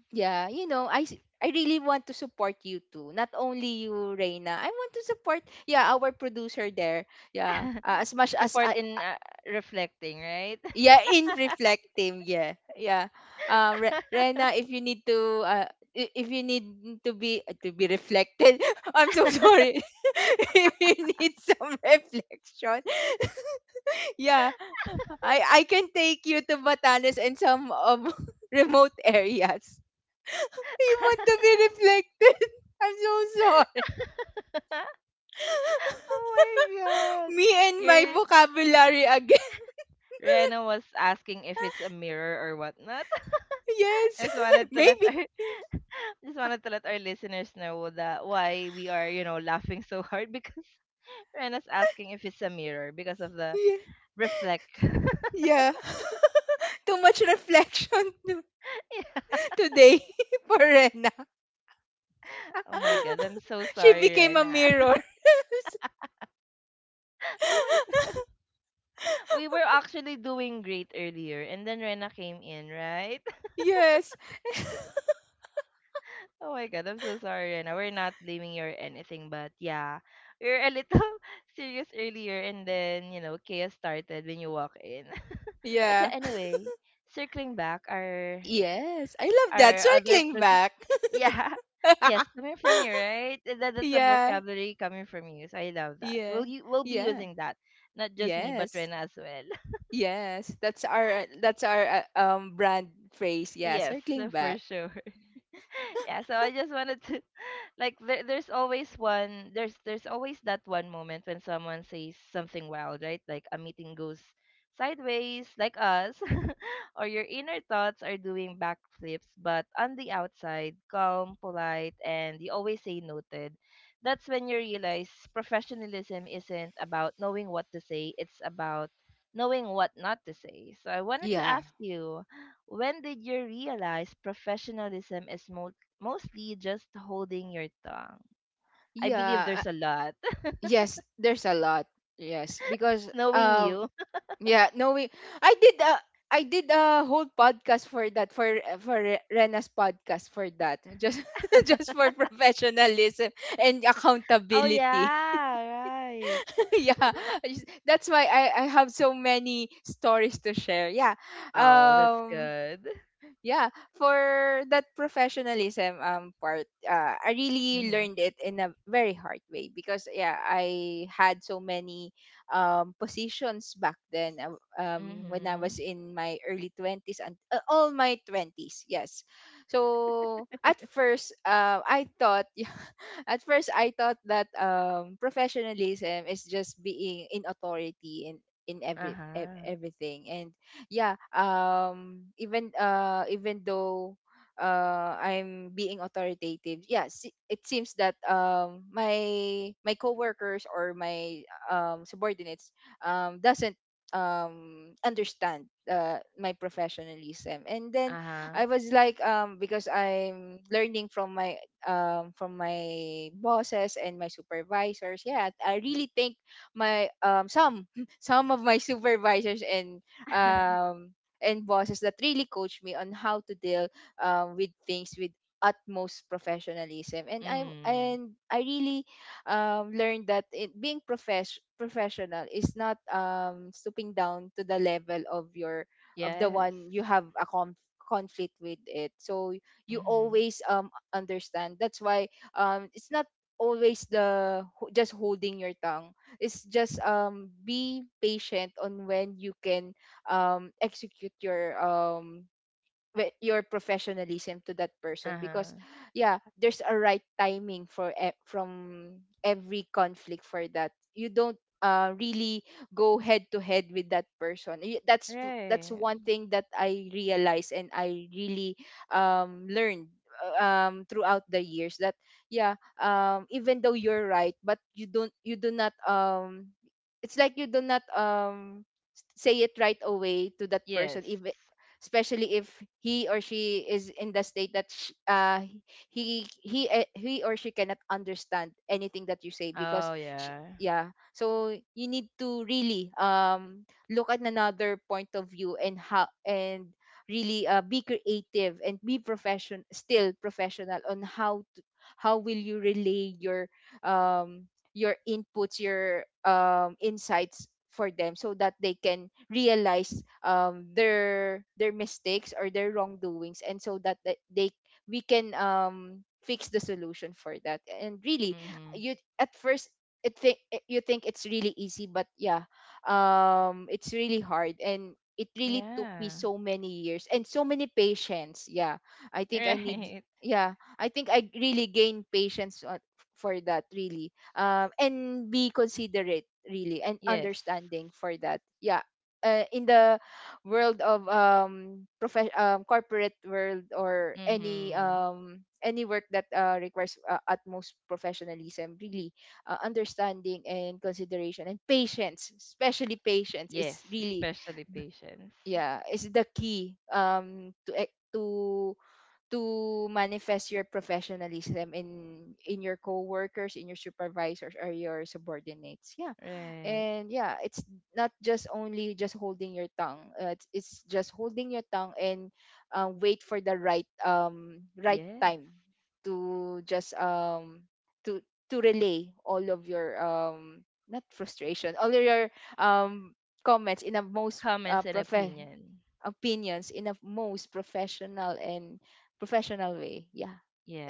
S2: yeah, you know, I s- I really want to support you too. Not only you, Reina. I want to support, yeah, our producer there. Yeah.
S1: <laughs>
S2: uh, as much as I.
S1: Support in, uh, reflecting, right?
S2: Yeah, in reflective. Yeah, yeah. Um, Re- Rena, if you need to, uh, i- if you need to be to be reflected, <laughs> I'm so sorry. <laughs> If you need some <laughs> reflection, <laughs> yeah, I I can take you to Batanes and some um <laughs> remote areas. <laughs> You want to be reflected? <laughs> I'm so sorry.
S1: <laughs>
S2: <laughs>
S1: Oh my God.
S2: Me and my
S1: Your,
S2: vocabulary again. <laughs>
S1: Rena was asking if it's a mirror or whatnot. <laughs>
S2: Yes,
S1: Just
S2: <laughs>
S1: wanted to let
S2: maybe.
S1: our <laughs> just wanted to let our listeners know that why we are, you know, laughing so hard, <laughs> because Rena's asking if it's a mirror because of the reflect. <laughs>
S2: Yeah, yeah. Too much reflection <laughs> to-
S1: Yeah.
S2: today <laughs> for Rena.
S1: Oh my god, I'm so
S2: <laughs> She
S1: sorry,
S2: became a
S1: Rena.
S2: mirror.
S1: <laughs> Oh my god.
S2: <laughs>
S1: We were actually doing great earlier and then Rena came in, right? <laughs>
S2: Yes. <laughs>
S1: Oh my god, I'm so sorry, Rena. We're not blaming you or anything, but yeah. We were a little <laughs> serious earlier and then, you know, chaos started when you walk in. <laughs> But yeah,
S2: Yeah.
S1: anyway, circling back, our
S2: Yes. I love that.
S1: our other
S2: Circling
S1: pros.
S2: back.
S1: Yeah. <laughs> Yes,
S2: <laughs>
S1: coming from you, right? That, that's a
S2: Yeah.
S1: vocabulary coming from you. So I love that. We'll
S2: Yeah.
S1: you we'll be
S2: Yeah.
S1: using that. Not just me, but
S2: Yes.
S1: Rena as well.
S2: Yes. That's our that's our uh, um brand phrase.
S1: <laughs>
S2: Yeah,
S1: Yes,
S2: circling
S1: for
S2: back.
S1: sure. <laughs> Yeah, so I just wanted to, <laughs> like, there, there's always one there's there's always that one moment when someone says something wild, right? Like a meeting goes sideways like us <laughs> or your inner thoughts are doing backflips, but on the outside calm, polite, and you always say noted. That's when you realize professionalism isn't about knowing what to say, it's about knowing what not to say. So I wanted to
S2: Yeah.
S1: ask you, when did you realize professionalism is mo- mostly just holding your tongue? I believe
S2: Yeah. uh,
S1: there's a lot.
S2: Yes, there's a lot. Yes, because
S1: <laughs> Knowing
S2: um
S1: you. <laughs>
S2: yeah, no, we, I did a I did a whole podcast for that, for for Re- Rena's podcast for that, just <laughs> just for professionalism and
S1: Oh,
S2: accountability.
S1: yeah, right.
S2: <laughs> Yeah, I just- that's why I I have so many stories to share. Yeah,
S1: Oh, that's
S2: um,
S1: good.
S2: yeah, for that professionalism um part, uh, I really
S1: Mm-hmm.
S2: learned it in a very hard way, because yeah, I had so many um positions back then, uh, um when I
S1: Mm-hmm.
S2: was in my early twenties, and uh, all my twenties. Yes, so at first, uh, I thought <laughs> at first I thought that um professionalism is just being in authority in in every ev-
S1: Uh-huh.
S2: everything. And yeah, um even uh even though uh I'm being authoritative, yeah, se- it seems that um my my coworkers or my um subordinates um doesn't um understand uh my professionalism. And then
S1: Uh-huh.
S2: I was like, um because I'm learning from my um from my bosses and my supervisors, yeah, I really think my um some <laughs> some of my supervisors and
S1: <laughs>
S2: um, and bosses that really coach me on how to deal, um, with things with utmost professionalism. And i
S1: Mm.
S2: and i really um, learned that it, being profesh- professional is not um, stooping down to the level of your, of the
S1: Yes.
S2: one you have a conf- conflict with it. So you
S1: Mm-hmm.
S2: always um understand, that's why um it's not always the ho- just holding your tongue. It's just um be patient on when you can um execute your um wi- your professionalism to that person,
S1: Uh-huh.
S2: because yeah, there's a right timing for e- from every conflict, for that you don't, uh, really go head to head with that person. Y- that's that's
S1: Right.
S2: one thing that I realized, and I really um learned uh, um throughout the years that yeah, um even though you're right, but you don't, you do not, um it's like you do not, um s- say it right away to that
S1: Yes.
S2: person if, especially if he or she is in the state that sh- uh, he he eh, he or she cannot understand anything that you say, because
S1: Oh
S2: sh
S1: yeah.
S2: yeah. So you need to really um look at another point of view, and how, and really uh, be creative and be profession still professional on how to, how will you relay your um your inputs, your um, insights for them, so that they can realize um, their their mistakes or their wrongdoings, and so that the- they, we can um, fix the solution for that. And really,
S1: Mm-hmm.
S2: you, at first, it think it- you think it's really easy, but yeah, um it's really hard, and it really took me
S1: Yeah.
S2: so
S1: <laughs>
S2: many years and so many patience. Yeah, I think I need
S1: Right.
S2: yeah, I think I really gained patience, uh, for that, really, um, and be considerate, really, and
S1: Yes.
S2: understanding for that. Yeah, uh, in the world of um, prof- um corporate world or any
S1: Mm-hmm.
S2: um any work that uh, requires uh, utmost professionalism, really, uh, understanding and consideration and patience, especially patience is
S1: Yes,
S2: really,
S1: especially patience.
S2: yeah, is the key um to e- to to manifest your professionalism in in your coworkers, in your supervisors or your subordinates. Yeah.
S1: Right.
S2: And yeah, it's not just only just holding your tongue. Uh, it's, it's just holding your tongue, and uh, wait for the right um right
S1: Yes.
S2: time to just um to to relay all of your um not frustration, all of your um comments in a most uh,
S1: Comments and
S2: profe-
S1: opinion.
S2: opinions in a most professional and professional way. Yeah.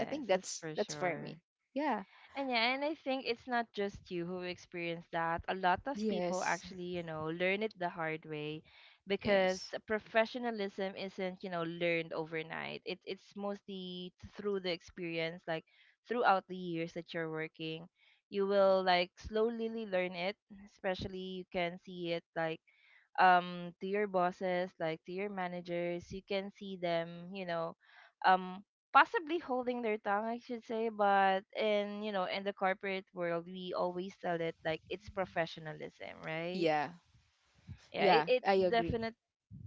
S2: I think
S1: that's
S2: that's
S1: for
S2: that's for
S1: sure.
S2: me. Yeah.
S1: And yeah, and I think it's not just you who experience that. A lot of people
S2: Yes.
S1: actually, you know, learn it the hard way, because
S2: Yes.
S1: professionalism isn't, you know, learned overnight. It, it's mostly through the experience, like throughout the years that you're working. You will, like, slowly learn it, especially you can see it, like, um to your bosses, like to your managers. You can see them, you know, um possibly holding their tongue, I should say, but in, you know, in the corporate world we always tell it like it's professionalism, right?
S2: Yeah.
S1: Yeah, it,
S2: Yeah,
S1: it
S2: I agree.
S1: definite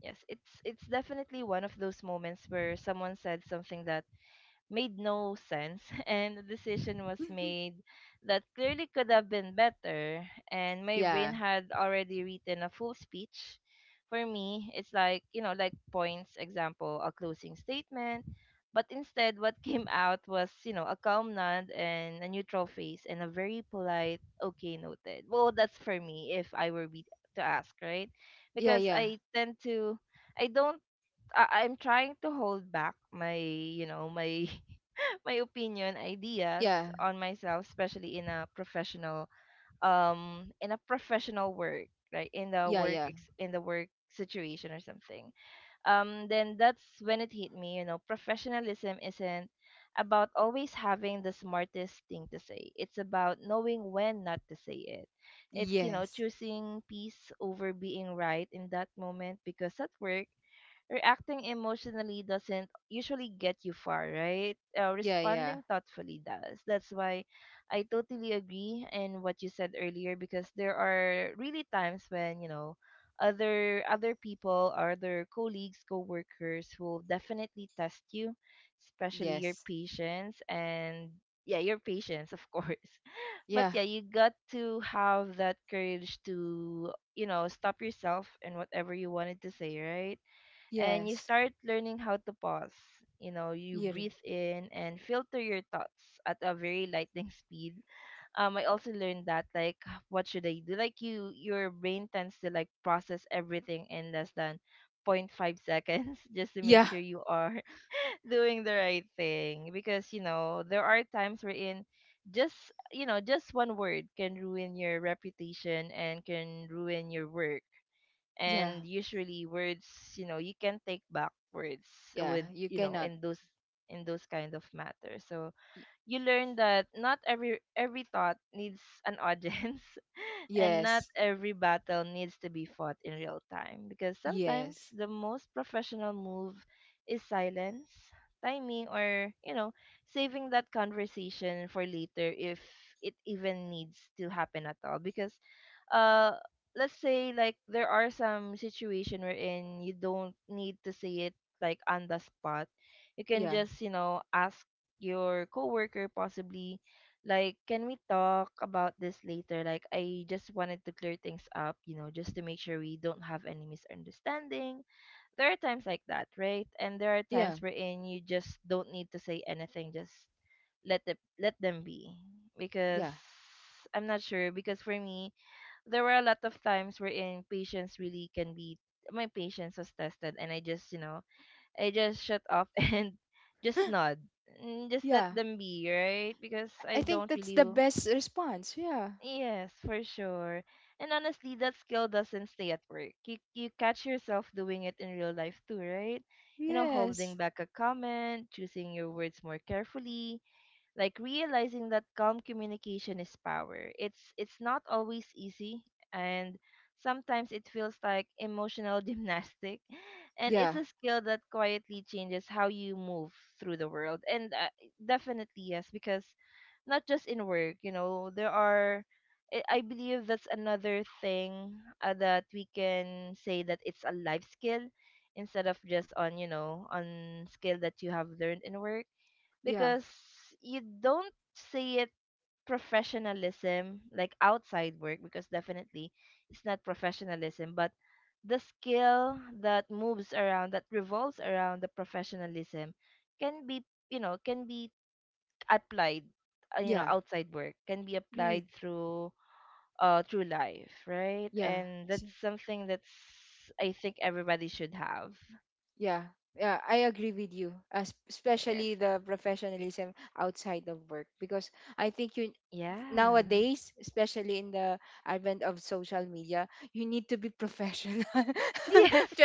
S1: yes, it's it's definitely one of those moments where someone said something that made no sense <laughs> and a decision was
S2: <laughs>
S1: made that clearly could have been better, and my brain
S2: Yeah.
S1: had already written a full speech for me. It's like, you know, like, points, example, a closing statement, but instead what <laughs> came out was, you know, a calm nod and a neutral face and a very polite okay, noted. Well, that's for me if I were be to ask, right?
S2: Yeah,
S1: Because
S2: yeah.
S1: I tend to, I don't, I- I'm trying to hold back my, you know, my <laughs> my opinion, ideas
S2: Yeah.
S1: on myself, especially in a professional, um in a professional work, right? In the
S2: Yeah,
S1: work
S2: yeah.
S1: ex- in the work situation or something. Um then that's when it hit me. You know, professionalism isn't about always having the smartest thing to say. It's about knowing when not to say it. It's, you know,
S2: Yes.
S1: choosing peace over being right in that moment, because at work, reacting emotionally doesn't usually get you far, right? Uh,
S2: Yeah, yeah.
S1: responding thoughtfully does. That's why I totally agree in what you said earlier, because there are really times when, you know, other other people or other colleagues, co-workers will definitely test you, especially your
S2: Yes.
S1: patience, and yeah, your patience, of course. <laughs> But
S2: Yeah.
S1: yeah, you got to have that courage to, you know, stop yourself and whatever you wanted to say, right? And you
S2: Yes.
S1: start learning how to pause. You know, you
S2: Hearing.
S1: breathe in and filter your thoughts at a very lightning <laughs> speed. Um, I also learned that, like, what should I do? Like, you, your brain tends to, like, process everything in less than point five seconds <laughs> just to make
S2: Yeah.
S1: sure you are <laughs> doing the right thing, because you know there are times wherein just, you know, just one word can ruin your reputation and can ruin your work,
S2: Yeah.
S1: and usually words, you know, you can take back words
S2: Yeah.
S1: with,
S2: You
S1: you know,
S2: cannot.
S1: in those in those kind of matters. So
S2: Y-
S1: you learn that not every every thought needs an audience <laughs> and not
S2: Yes.
S1: every battle needs to be fought in real time, because sometimes
S2: Yes.
S1: the most professional move is silence, timing, or, you know, saving that conversation for later if it even needs to happen at all. Because uh let's say, like, there are some situation wherein you don't need to say it like on the spot. You can
S2: Yeah.
S1: just, you know, ask your coworker, possibly, like, can we talk about this later, like I just wanted to clear things up, you know, just to make sure we don't have any misunderstanding. There are times like that, right? And there are
S2: Yeah.
S1: times wherein you just don't need to say anything, just let it, let them be. Because
S2: Yeah.
S1: I'm not sure, because for me there were a lot of times wherein patience really can be, my patience was tested, and I just, you know, I just shut off <laughs> and just
S2: <gasps>
S1: nod. Mm, just let
S2: Yeah.
S1: them be, right? Because I
S2: I think
S1: don't
S2: that's
S1: really.
S2: the
S1: w-
S2: best response. Yeah.
S1: Yes, for sure. And honestly, that skill doesn't stay at work. You, you catch yourself doing it in real life too, right? You know,
S2: Yes.
S1: holding back a comment, choosing your words more carefully, like realizing that calm communication is power. It's it's not always easy and sometimes it feels like emotional <laughs> gymnastic, and it's
S2: Yeah.
S1: a skill that quietly changes how you move through the world. And uh, definitely yes, because not just in work, you know, there are, i I believe that's another thing, uh, that we can say that it's a life skill instead of just on, you know, on skill that you have learned in work.
S2: Yeah.
S1: Because you don't see it professionalism like outside work, because definitely it's not professionalism, but the skill that moves around, that revolves around the professionalism can be, you know, can be applied, uh, you know,
S2: Yeah.
S1: outside work, can be
S2: Really.
S1: applied through uh through life, right?
S2: Yeah.
S1: And
S2: s-
S1: that's something that's, I think, everybody should have.
S2: Yeah. Yeah, I agree with you. As
S1: Yes.
S2: especially the professionalism outside of work, because I think you,
S1: Yeah.
S2: nowadays, especially in the advent of social media, you need to be professional
S1: <laughs>
S2: <laughs>
S1: Yes,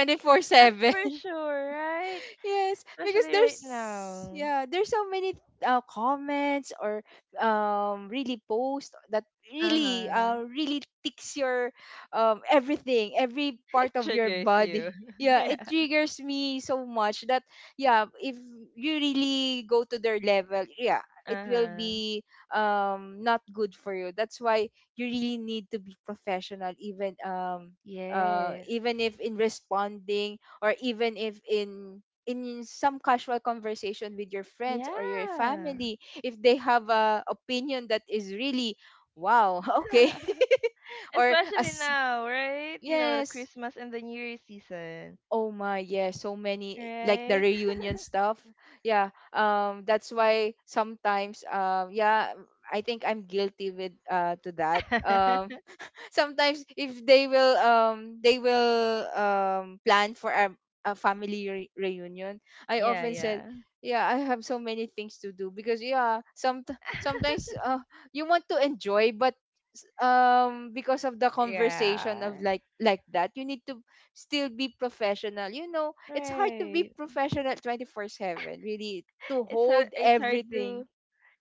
S1: that's for sure, right?
S2: Yes, because
S1: Especially
S2: there's,
S1: right now.
S2: yeah, there's so many uh, comments or um really posts that really
S1: Uh-huh.
S2: uh really ticks your um everything, every
S1: <laughs> It
S2: part of your
S1: triggers you.
S2: body.
S1: <laughs>
S2: Yeah, it
S1: Yeah.
S2: triggers me so much that, yeah, if you really go to their level, yeah, it will
S1: Uh-huh.
S2: be um not good for you. That's why you really need to be professional, even um uh
S1: Yes.
S2: even if in responding, or even if in, in some casual conversation with your friends or your
S1: Yeah.
S2: family, if they have a opinion that is really wow <laughs> okay
S1: <laughs>
S2: or
S1: Especially
S2: as.
S1: now, right? You know, the
S2: Yes,
S1: Christmas and the New Year season,
S2: oh my, yes, so many, like the
S1: right?
S2: reunion stuff. Yeah, um that's why sometimes, um yeah, I think I'm guilty with uh to that. um
S1: <laughs>
S2: sometimes if they will, um they will um plan for a, a family re- reunion, I
S1: Yeah,
S2: often said
S1: yeah.
S2: yeah, I have so many things to do, because yeah, some sometimes, uh, you want to enjoy, but s- um because of the conversation
S1: Yeah.
S2: of like like that, you need to still be professional. You know, it's hard to be
S1: Right.
S2: professional twenty-four seven, really, to
S1: It's hard,
S2: hold
S1: it's hard
S2: everything.
S1: to,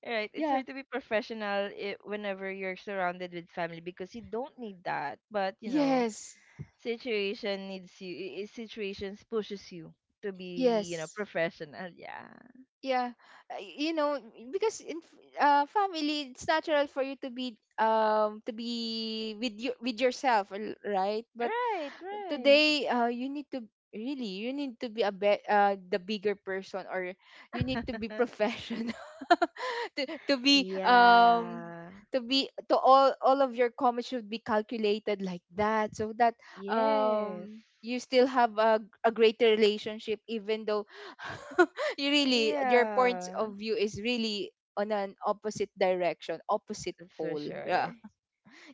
S1: right, it's
S2: Yeah.
S1: hard to be professional, I, whenever you're surrounded with family, because you don't need that. But, you know,
S2: Yes.
S1: situation needs you. i- i- Situations pushes you to be, you know,
S2: Yes.
S1: professional. Yeah.
S2: Yeah, uh, y- you know, because in f- uh, family, it's natural for you to be um to be with you, with yourself, r- right? But
S1: Right. Right.
S2: today, uh, you need to really, you need to be a be- uh, the bigger person, or you need to be
S1: <laughs>
S2: professional <laughs> to, to be um
S1: Yeah.
S2: to be, to all all of your comments should be calculated like that, so that
S1: Yes.
S2: um you still have a, a greater relationship, even though <laughs> you really, your points
S1: Yeah.
S2: of view is really on an opposite direction, opposite
S1: That's for
S2: pole. Yeah.
S1: sure.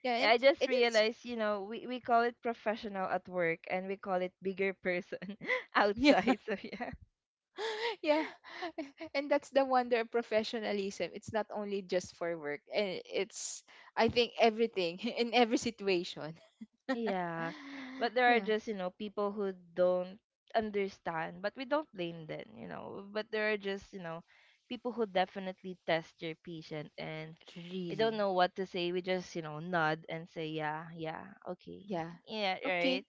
S2: Yeah, it,
S1: I just
S2: it is.
S1: realized, you know, we, we call it professional at work and we call it bigger person <laughs>
S2: <laughs>
S1: outside. So yeah.
S2: <laughs> Yeah. <laughs> And that's the wonder of professionalism. It's not only just for work, and it's, I think, everything <laughs> in every situation.
S1: Yeah,
S2: <laughs>
S1: but there are
S2: Yeah.
S1: just, you know, people who don't understand, but we don't blame them, you know. But there are just, you know, people who definitely test your patient, and we
S2: Really.
S1: don't know what to say. We just, you know, nod and say, yeah, yeah, okay.
S2: Yeah.
S1: Yeah,
S2: Okay.
S1: right.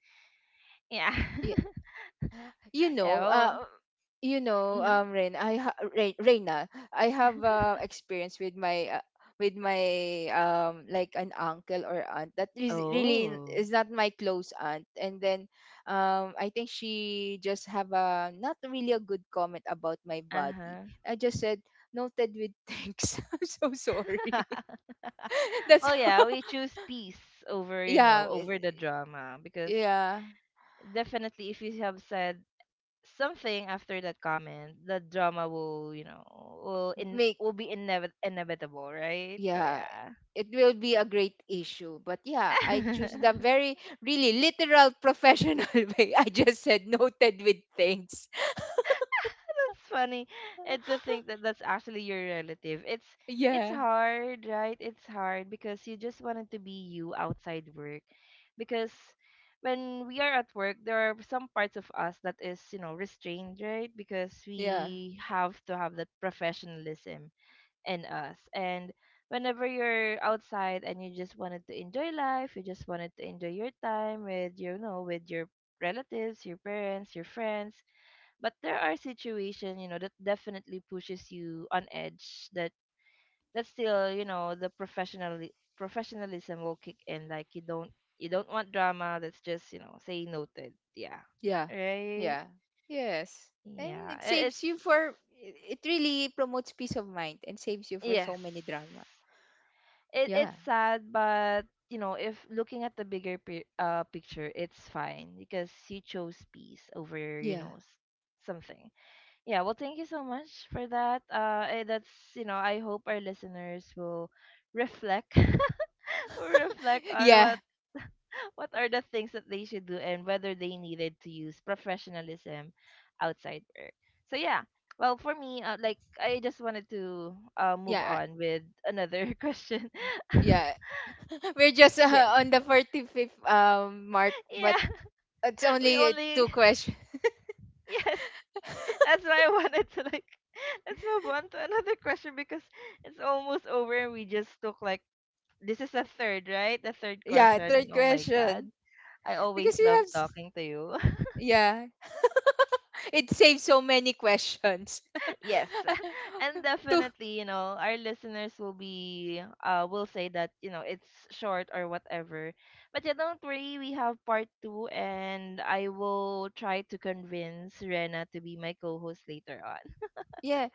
S1: Yeah.
S2: Yeah.
S1: <laughs>
S2: You know, uh,
S1: Yeah, well,
S2: you know, um,
S1: mhm.
S2: Rain, I ha- Rain, Reina, I have uh, experience with my uh, with my um like an uncle or aunt that is really
S1: Oh,
S2: is not my close aunt. And then um I think she just have a not really a good comment about my body.
S1: uh-huh.
S2: I just said, noted with thanks. <laughs> I'm so sorry.
S1: <laughs>
S2: <laughs> That's
S1: Oh
S2: how
S1: yeah, we
S2: <laughs>
S1: choose peace over, you know,
S2: yeah it-
S1: over the drama, because
S2: yeah
S1: definitely if you have said something after that comment, the drama will, you know, will in
S2: make
S1: will be inev- inevitable, right? So
S2: yeah,
S1: yeah,
S2: it will be a great issue, but yeah,
S1: <laughs>
S2: I
S1: that's
S2: choose the very really literal professional <laughs> way, I just said noted with things.
S1: funny. And to
S2: <laughs>
S1: think that that's actually your relative, it's it's
S2: Yeah.
S1: hard, right? It's hard because you just wanted to be you outside work, because when we are at work, there are some parts of us that is, you know, restrained, right? Because
S2: Yeah.
S1: we have to have that professionalism in us. And whenever you're outside and you just wanted to enjoy life, you just wanted to enjoy your time with your, you know, with your relatives, your parents, your friends. But there are situations, you know, that definitely pushes you on edge that that's still, you know, the professional professionalism will kick in. Like you don't you don't want drama, that's just, you know, say noted. Yeah.
S2: Yeah.
S1: Right?
S2: Yeah. Yes. And
S1: Yeah.
S2: it
S1: i- It's
S2: saves you for it, it really promotes peace of mind and saves you for
S1: yes.
S2: so many drama.
S1: it it's
S2: Yeah.
S1: sad, but you know, if looking at the bigger pi- uh picture, it's fine because you chose peace over, you
S2: Yeah.
S1: know, s- something. Yeah, well, thank you so much for that. Uh, eh, that's, you know, I hope our listeners will reflect <laughs> or reflect
S2: <laughs>
S1: on
S2: Yeah.
S1: what what are the things that they should do and whether they needed to use professionalism outside work. So yeah. Well, for me, uh, like I just wanted to uh, move
S2: Yeah.
S1: on with another <laughs> question. <laughs>
S2: Yeah. <laughs> We're just
S1: Yes.
S2: uh, on the forty-fifth um mark,
S1: Yeah.
S2: but it's
S1: We
S2: only
S1: only
S2: two questions.
S1: <laughs> yes, that's why I wanted to like <laughs> let's move on to another question because it's almost over and we just took like, this is the third, right? The
S2: <laughs>
S1: third
S2: Yeah,
S1: question. And
S2: third
S1: oh my God,
S2: question.
S1: I always
S2: Because you
S1: love
S2: have, s-
S1: talking to you.
S2: yeah, it saves so many questions.
S1: <laughs> Yes.
S2: <laughs>
S1: <laughs> And
S2: To,
S1: definitely, you know, our listeners will be uh will say that, you know, it's short or whatever, but yeah, don't worry, we have part two, and I will try to convince Rena to be my co-host later on.
S2: yeah,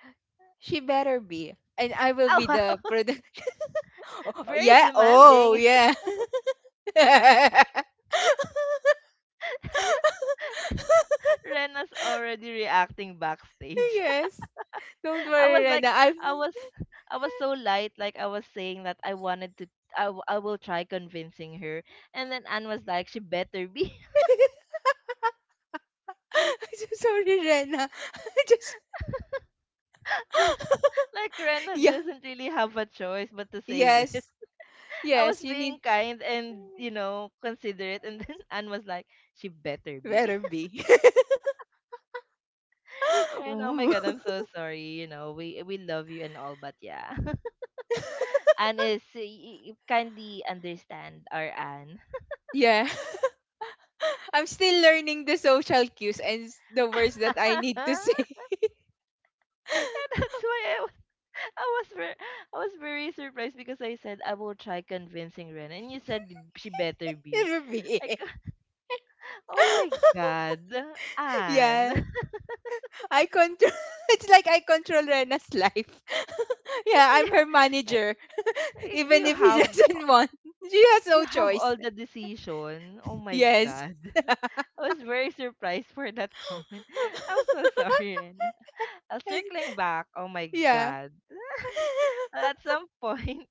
S2: she better be, and I will
S1: <laughs> Oh
S2: be
S1: wow,
S2: the product. <laughs> Oh,
S1: very
S2: yeah. Oh
S1: demanding.
S2: yeah. <laughs>
S1: Rena's already reacting backstage.
S2: Yes. Don't
S1: <laughs> I
S2: worry,
S1: was like,
S2: Rena. I'm.
S1: I was, I was so light. Like I was saying that I wanted to, I, w- I will try convincing her. And then Anne was like, she better be.
S2: <laughs> I'm so sorry, Rena. <laughs> just. <laughs>
S1: <laughs> Like Rena
S2: yeah.
S1: doesn't really have a choice but to say yes.
S2: Yes.
S1: <laughs> I was
S2: Yes. You need
S1: being kind and, you know, considerate. And then <laughs> Anne was like, she better be.
S2: better be.
S1: <laughs>
S2: <laughs>
S1: And oh my
S2: Ooh.
S1: God, I'm so sorry. You know, we we love you and all, but yeah. <laughs>
S2: <laughs>
S1: Anne is y- y- kindly understand our Anne.
S2: yeah. <laughs> I'm still learning the social cues and s- the words that I need to say.
S1: <laughs> <laughs> And
S2: <laughs>
S1: that's why I, wa- <laughs> I was very, I was very surprised because I said I will try convincing Ren, and you said she better be.
S2: It'll be
S1: Like,
S2: it.
S1: <laughs> oh my
S2: <laughs>
S1: God, Anne.
S2: yeah.
S1: <laughs>
S2: I control <laughs> it's like I control Rena's life. <laughs> Yeah, I'm
S1: Yeah,
S2: her
S1: like,
S2: manager.
S1: like
S2: Even
S1: you
S2: if he <laughs>
S1: have the-
S2: doesn't want. She has
S1: you
S2: no
S1: have
S2: choice.
S1: all the decision. Oh my
S2: Yes.
S1: God. <laughs> I was very surprised for that comment. <laughs> I'm
S2: <laughs>
S1: so sorry, Rena. Uh,
S2: And-
S1: circling back, oh my
S2: yeah.
S1: God. Uh, At some point,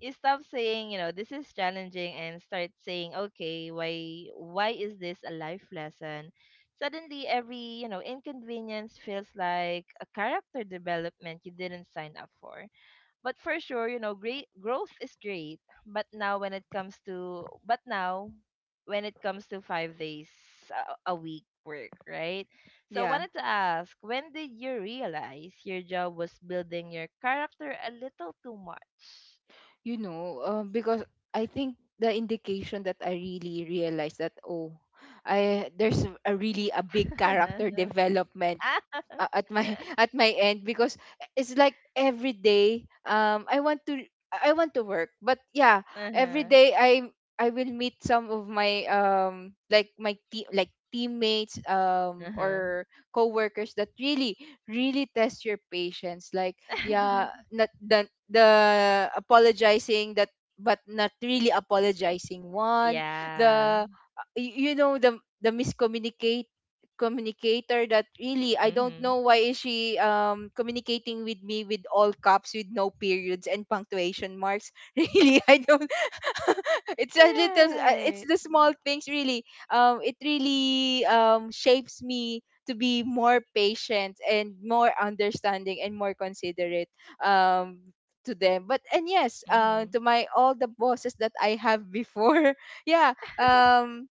S1: you stop saying, you know, this is challenging and start saying, okay, why why is this a life lesson? Suddenly every, you know, inconvenience feels like a character development you didn't sign up for. But for sure, you know, great growth is great. But now when it comes to but now when it comes to five days a, a week work, right? So I
S2: Yeah.
S1: wanted to ask, when did you realize your job was building your character a little too much?
S2: You know, um, because I think the indication that I really realized that oh I there's a really a big character
S1: <laughs>
S2: development uh, at my <laughs> at my end, because it's like every day um I want to I want to work, but yeah, every
S1: Uh-huh.
S2: day I I will meet some of my um like my team, like teammates um
S1: Uh-huh.
S2: or coworkers that really really test your patience. Like, yeah,
S1: <laughs>
S2: not the the apologizing, that but not really apologizing one,
S1: Yeah.
S2: the uh, y- you know, the the miscommunicating communicator that really, I don't
S1: Mm-hmm.
S2: know why is she um communicating with me with all caps with no periods and punctuation marks. <laughs> Really, I don't <laughs> it's a little uh, it's
S1: Right.
S2: the small things really. Um it really um shapes me to be more patient and more understanding and more considerate um to them. But and yes, uh,
S1: Mm-hmm.
S2: to my all the bosses that I have before. <laughs> Yeah. Um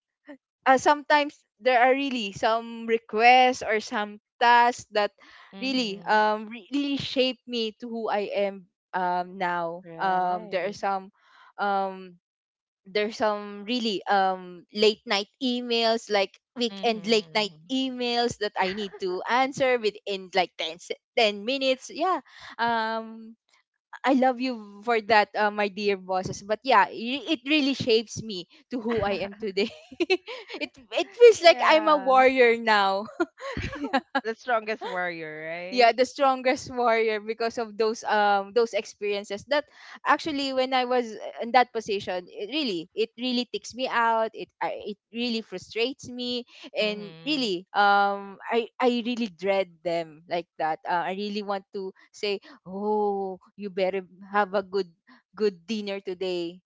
S2: uh, Sometimes there are really some requests or some tasks that really
S1: Mm-hmm.
S2: um re- really shape me to who I am um now. Um, there are
S1: Right.
S2: some um there's some really um late night emails, like weekend late night
S1: Mm-hmm.
S2: emails, that I need to answer within like ten, se- ten minutes, yeah. um I love you for that, uh, my dear bosses. But yeah, i- it really shapes me to who I am
S1: <laughs>
S2: today. <laughs> it it feels like I'm a
S1: Yeah. <laughs>
S2: warrior now.
S1: The strongest warrior,
S2: Yeah,
S1: right?
S2: the strongest warrior, because of those um those experiences that actually when I was uh, in that position, it really it really ticks me out, it I, it really frustrates me. And
S1: Mm-hmm.
S2: really um i i really dread them, like that. uh, I really want to say, oh, you better have a good good dinner today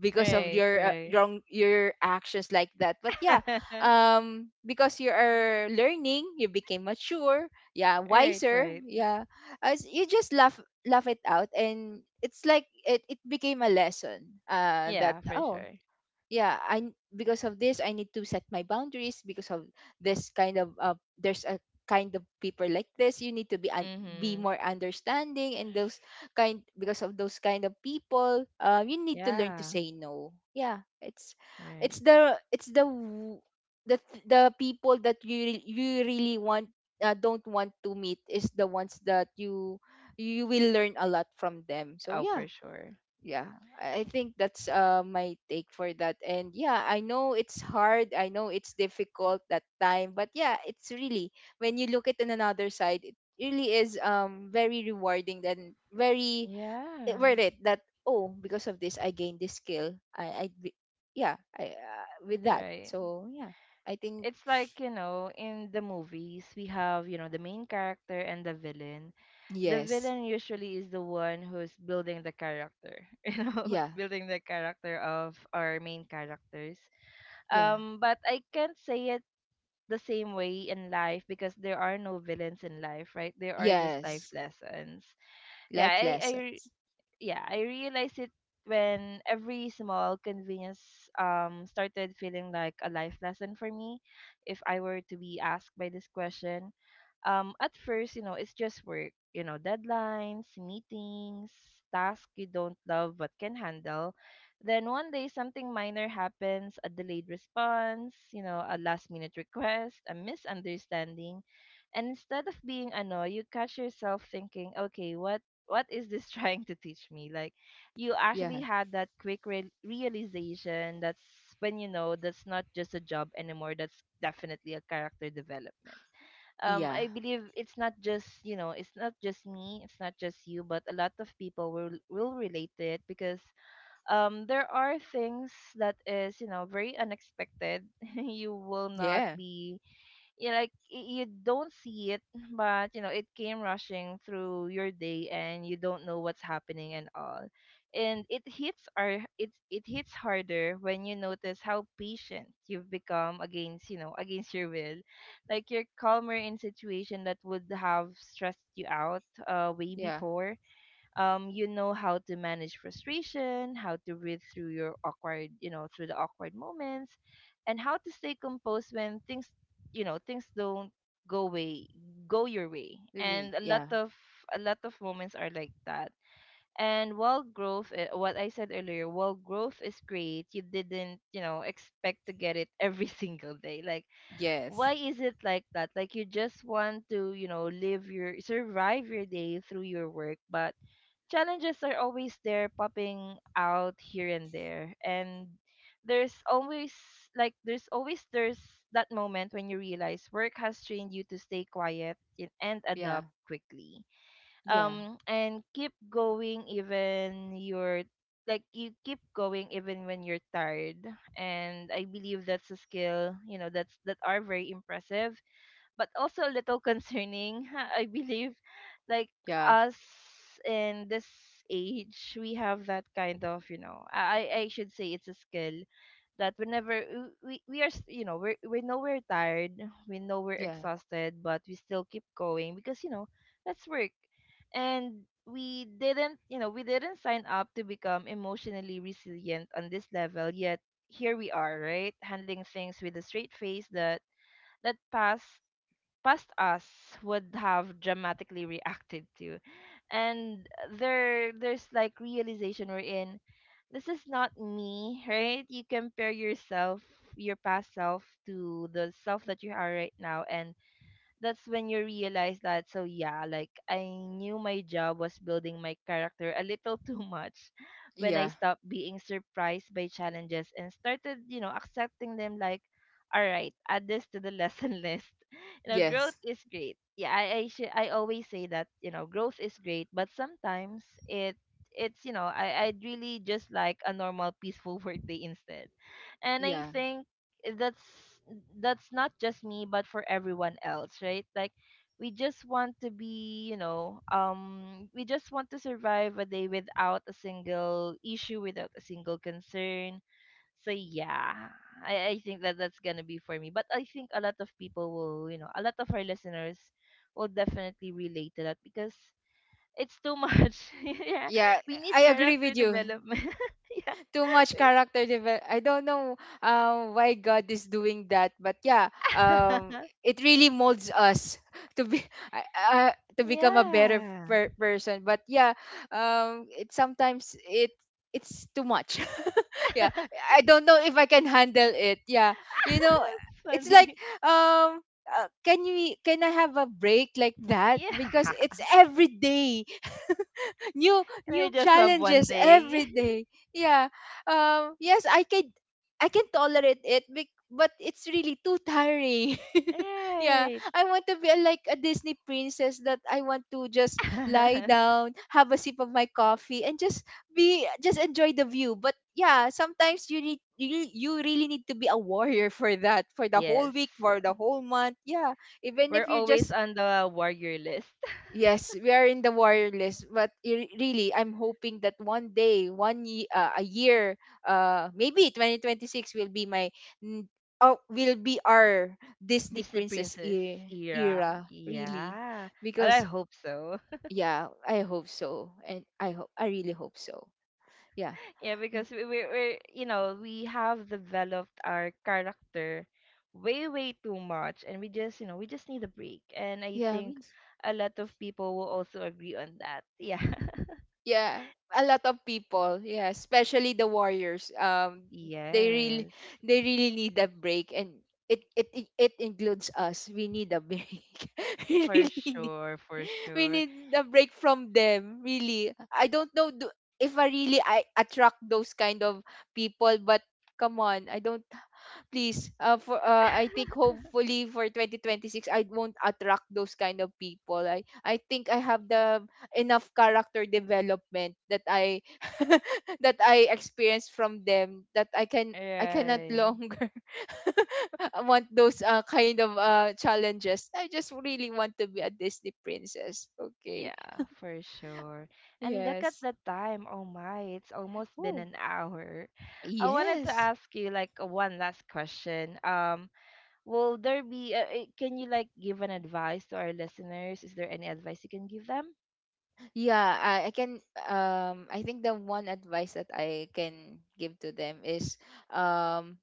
S2: because of
S1: Right,
S2: your uh,
S1: right.
S2: wrong your actions like that. But yeah,
S1: <laughs>
S2: um because you are learning, you became mature, yeah,
S1: Right,
S2: wiser,
S1: right.
S2: yeah, as you just laugh laugh it out, and it's like it, it became a lesson uh that
S1: Yeah, for
S2: oh
S1: sure.
S2: yeah, i n- because of this I need to set my boundaries. Because of this kind of uh, there's a kind of people like this, you need to be un- be
S1: Mm-hmm.
S2: more understanding. And those kind, because of those kind of people, uh, you need to learn to
S1: Yeah.
S2: say no. Yeah, it's
S1: Right.
S2: it's the it's the w- the th- the people that you re- you really want uh, don't want to meet is the ones that you you will learn a lot from them, so
S1: Oh, for
S2: yeah.
S1: sure.
S2: Yeah, i I think that's uh, my take for that. And yeah, I know it's hard, I know it's difficult that time, but yeah, it's really when you look at it on another side, it really is um very rewarding and very it-
S1: Yeah.
S2: worth it, that oh, because of this I gained this skill, i i d- yeah I uh, with that,
S1: Right.
S2: so yeah, I think.
S1: It's like, you know, in the movies we have, you know, the main character and the villain. The
S2: Yes.
S1: villain usually is the one who's building the character, <laughs> you know,
S2: Yeah,
S1: building the character of our main characters.
S2: yeah.
S1: Um but I can't say it the same way in life because there are no villains in life, right? There are just life
S2: Yes,
S1: lessons. Yeah,
S2: life
S1: I I
S2: lessons.
S1: yeah, I realized it when every small convenience um started feeling like a life lesson for me if I were to be asked by this question. Um at first, you know, it's just work, you know, deadlines, meetings, tasks you don't love but can handle. Then one day something minor happens, a delayed response, you know, a last minute request, a misunderstanding, and instead of being annoyed, you catch yourself thinking, okay, what what is this <laughs> trying to teach me? Like, you
S2: Yeah.
S1: actually had that quick re- realization. That's when you know that's not just a job anymore. That's definitely a character development. Um,
S2: Yeah.
S1: I believe it's not just, you know, it's not just me, it's not just you, but a lot of people will will relate to it because, um, there are things that is, you know, very unexpected. <laughs> You will not
S2: Yeah.
S1: be, you like, y- you don't see it, <laughs> but you know it came rushing through your day and you don't know what's happening and all. And it hits our it it hits harder when you notice how patient you've become against, you know, against your will. Like you're calmer in situation that would have stressed you out uh way
S2: Yeah.
S1: before. Um, you know how to manage frustration, how to breathe through your awkward, you know, through the awkward moments, and how to stay composed when things, you know, things don't go way go your way.
S2: Really,
S1: And a lot
S2: yeah.
S1: of a lot of moments are like that. And while growth, eh, what I said earlier, while growth is great, you didn't, you know, expect to get it every <laughs> single day. Like,
S2: Yes.
S1: why is it like that? Like, you just want to, you know, live your, survive your day through your work, but challenges are always there popping out here and there. And there's always like there's always there's that moment when you realize work has trained you to stay quiet in, and
S2: Yeah.
S1: adapt quickly,
S2: Yeah.
S1: um and keep going even you're like you keep going even when you're tired. And I believe that's a skill, you know, that's that are very impressive but also a little concerning. <laughs> I believe, like
S2: Yeah.
S1: us in this age, we have that kind of, you know, I I I should say it's a skill that whenever w- we we are, s- you know, we we know we're tired, we know we're
S2: Yeah.
S1: exhausted, but we still keep going because you know that's work, and we didn't, you know, we didn't sign up to become emotionally resilient on this level yet. Here we are, right? Handling things with a straight face that that pass past us would have dramatically reacted to. And there there's like realization we're in, this is not me, right? You compare yourself, your past self to the self that you are right now, and that's when you realize that. So yeah, like I knew my job was building my character a little <laughs> too much when I
S2: Yeah.
S1: stopped being surprised by challenges and started, you know, accepting them like, all right, add this to the lesson <laughs> list. You know,
S2: Yes.
S1: growth is great. Yeah, I I, should, I always say that, you know, growth is great, but sometimes it it's, you know, I I'd really just like a normal peaceful <laughs> workday instead, and I
S2: Yeah.
S1: think, eh, that's that's not just me but for everyone else, right? Like, we just want to be, you know, um we just want to survive a day without a single issue, without a single concern. So yeah, I I think that that's gonna be for me, but I think a lot of people will, you know, a lot of our listeners will definitely relate to that because it's too much. <laughs> Yeah,
S2: Yeah.
S1: we need
S2: I agree
S1: character
S2: with you.
S1: development. <laughs> Yeah.
S2: Too much character develop. I don't know um, why God is doing that, but yeah, um,
S1: <laughs>
S2: it really molds us <laughs> to be uh, uh, to become a better
S1: Yeah.
S2: per- person. But yeah, um, it sometimes it it's too much. <laughs> Yeah,
S1: <laughs>
S2: I don't know if I can handle it. Yeah,
S1: <laughs>
S2: you
S1: That's
S2: know, it's like
S1: funny.
S2: um. Uh, can we can I have a break, like that? Because
S1: Yeah.
S2: it's
S1: <laughs>
S2: every day new
S1: Can I
S2: new
S1: just have one
S2: challenges
S1: day?
S2: every
S1: <laughs>
S2: day. Yeah. Um, yes, I can I can tolerate it, bec- but it's really too tiring. <laughs> Yeah.
S1: Right.
S2: I want to be like a Disney princess, that I want to just lie
S1: <laughs>
S2: down, have a sip of my coffee and just be just enjoy the view. But yeah, sometimes you need you, you really need to be a warrior for that, for the whole
S1: Yes.
S2: week, for the whole month. Yeah. Even
S1: We're
S2: if you're
S1: always
S2: just
S1: on the warrior list.
S2: Yes, we are in the warrior list, but i- really, I'm hoping that one day, one ye- uh, a year, uh, maybe twenty twenty-six will be my, n- oh, will be our
S1: <laughs>
S2: Disney
S1: Disney
S2: princess
S1: Princess
S2: e-
S1: era.
S2: era, really,
S1: Yeah. Well, I
S2: because
S1: hope so.
S2: yeah, I hope so, and I hope I really hope so. Yeah,
S1: <laughs> Yeah,
S2: yeah,
S1: because we, we, we're, you know, we have developed our character way, way too much. And we just, you know, we just need a break. And I
S2: yeah.
S1: think a lot of people will also agree on that. Yeah.
S2: Yeah, a lot of people, yeah, especially the warriors, um,
S1: <laughs>
S2: they really
S1: Yes.
S2: they really need a break. And it it it it includes us, we need a break. <laughs> We
S1: For
S2: really need
S1: sure, for
S2: we
S1: sure.
S2: need a break from them, really. I don't know do, if i really i attract those kind of people, but come on, I don't, please. Uh for uh I think hopefully for twenty twenty-six I won't attract those kind of people. I I think I have the enough character development that I <laughs> that I experienced from them, that I can I cannot
S1: Right.
S2: longer <laughs> want those uh, kind of uh challenges. I just really want to be a Disney princess. Okay.
S1: Yeah, for sure. And look at
S2: Yes.
S1: the time. Oh my, it's almost been
S2: Oh.
S1: an hour. I wanted to
S2: Yes.
S1: ask you like one last question. Um, will there be uh, uh, Can you like give an advice to our listeners? Is there any advice you can give them?
S2: Yeah, I, I can um I think the one advice that I can give to them is um,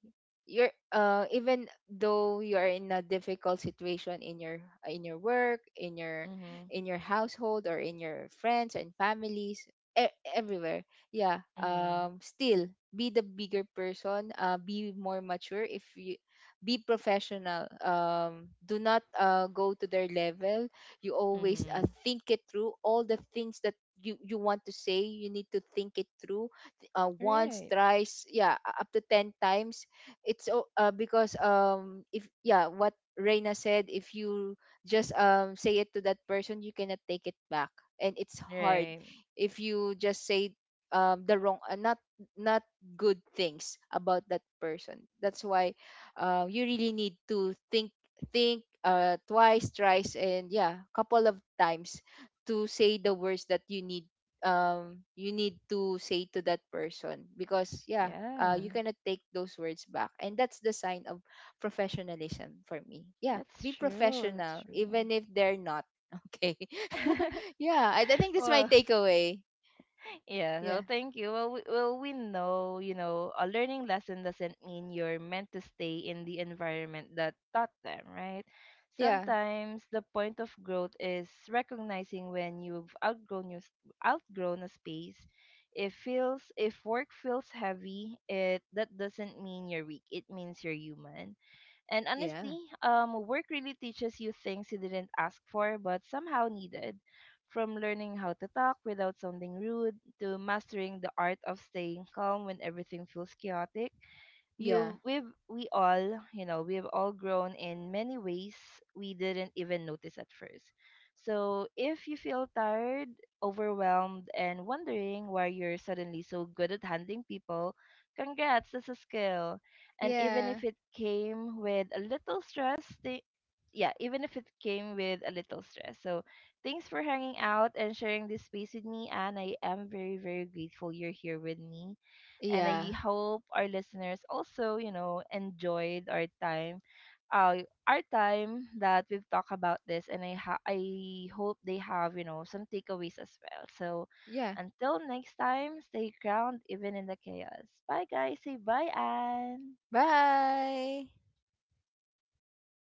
S2: you're uh, even though you are in a difficult situation in your in your work, in your
S1: Mhm.
S2: in your household, or in your friends and families, e- everywhere. Yeah,
S1: Mhm.
S2: um, still be the bigger person, uh, be more mature, if you be professional. Um, do not uh, go to their level. You always uh,
S1: Mhm.
S2: think it through, all the things that you, you want to say, you need to think it through th- uh, once,
S1: Right.
S2: thrice, yeah, u- up to ten times. It's o- uh, because um, if yeah, what Reina said, if you just um, say it to that person, you cannot take it back, and it's hard.
S1: Right.
S2: If you just say um, the wrong uh, not not good things about that person, that's why uh, you really need to think think uh, twice, thrice, and yeah, couple of times to say the words that you need um, you need to say to that person, because yeah
S1: Yeah.
S2: uh, you cannot take those words back, and that's the sign of professionalism for me. Yeah,
S1: That's
S2: be
S1: true. That's
S2: professional
S1: true.
S2: even if they're not. <laughs> Okay. <laughs> Yeah, I, I think
S1: <laughs>
S2: that's my
S1: well,
S2: takeaway.
S1: Yeah, well,
S2: Yeah.
S1: thank you. Well, we, well, we know, you know, a learning lesson doesn't mean you're meant to stay in the environment that taught them, right?
S2: Yeah.
S1: Sometimes the point of growth is recognizing when you've outgrown your, s- outgrown a space. If feels if work feels heavy, it that doesn't mean you're weak. It means you're human. And
S2: Yeah.
S1: honestly, um, work really teaches you things you didn't ask for but somehow needed. From learning how to talk without sounding rude to mastering the art of staying calm when everything feels chaotic,
S2: Yeah.
S1: you've we've we all you know we've all grown in many ways we didn't even notice at first. So if you feel tired, overwhelmed, and wondering why you're suddenly so good at handling people, congrats, that's a skill. And even
S2: Yeah.
S1: if it came with a little stress, thi- yeah, even if it came with a little stress, so thanks for hanging out and sharing this space with me, and I am very, very grateful you're here with me. And
S2: Yeah.
S1: I hope our listeners also, you know, enjoyed our time. Uh, our time that we've talked about this, and I ha- I hope they have, you know, some takeaways as well. So,
S2: Yeah.
S1: until next time, stay ground even in the chaos. Bye guys, say bye and.
S2: Bye.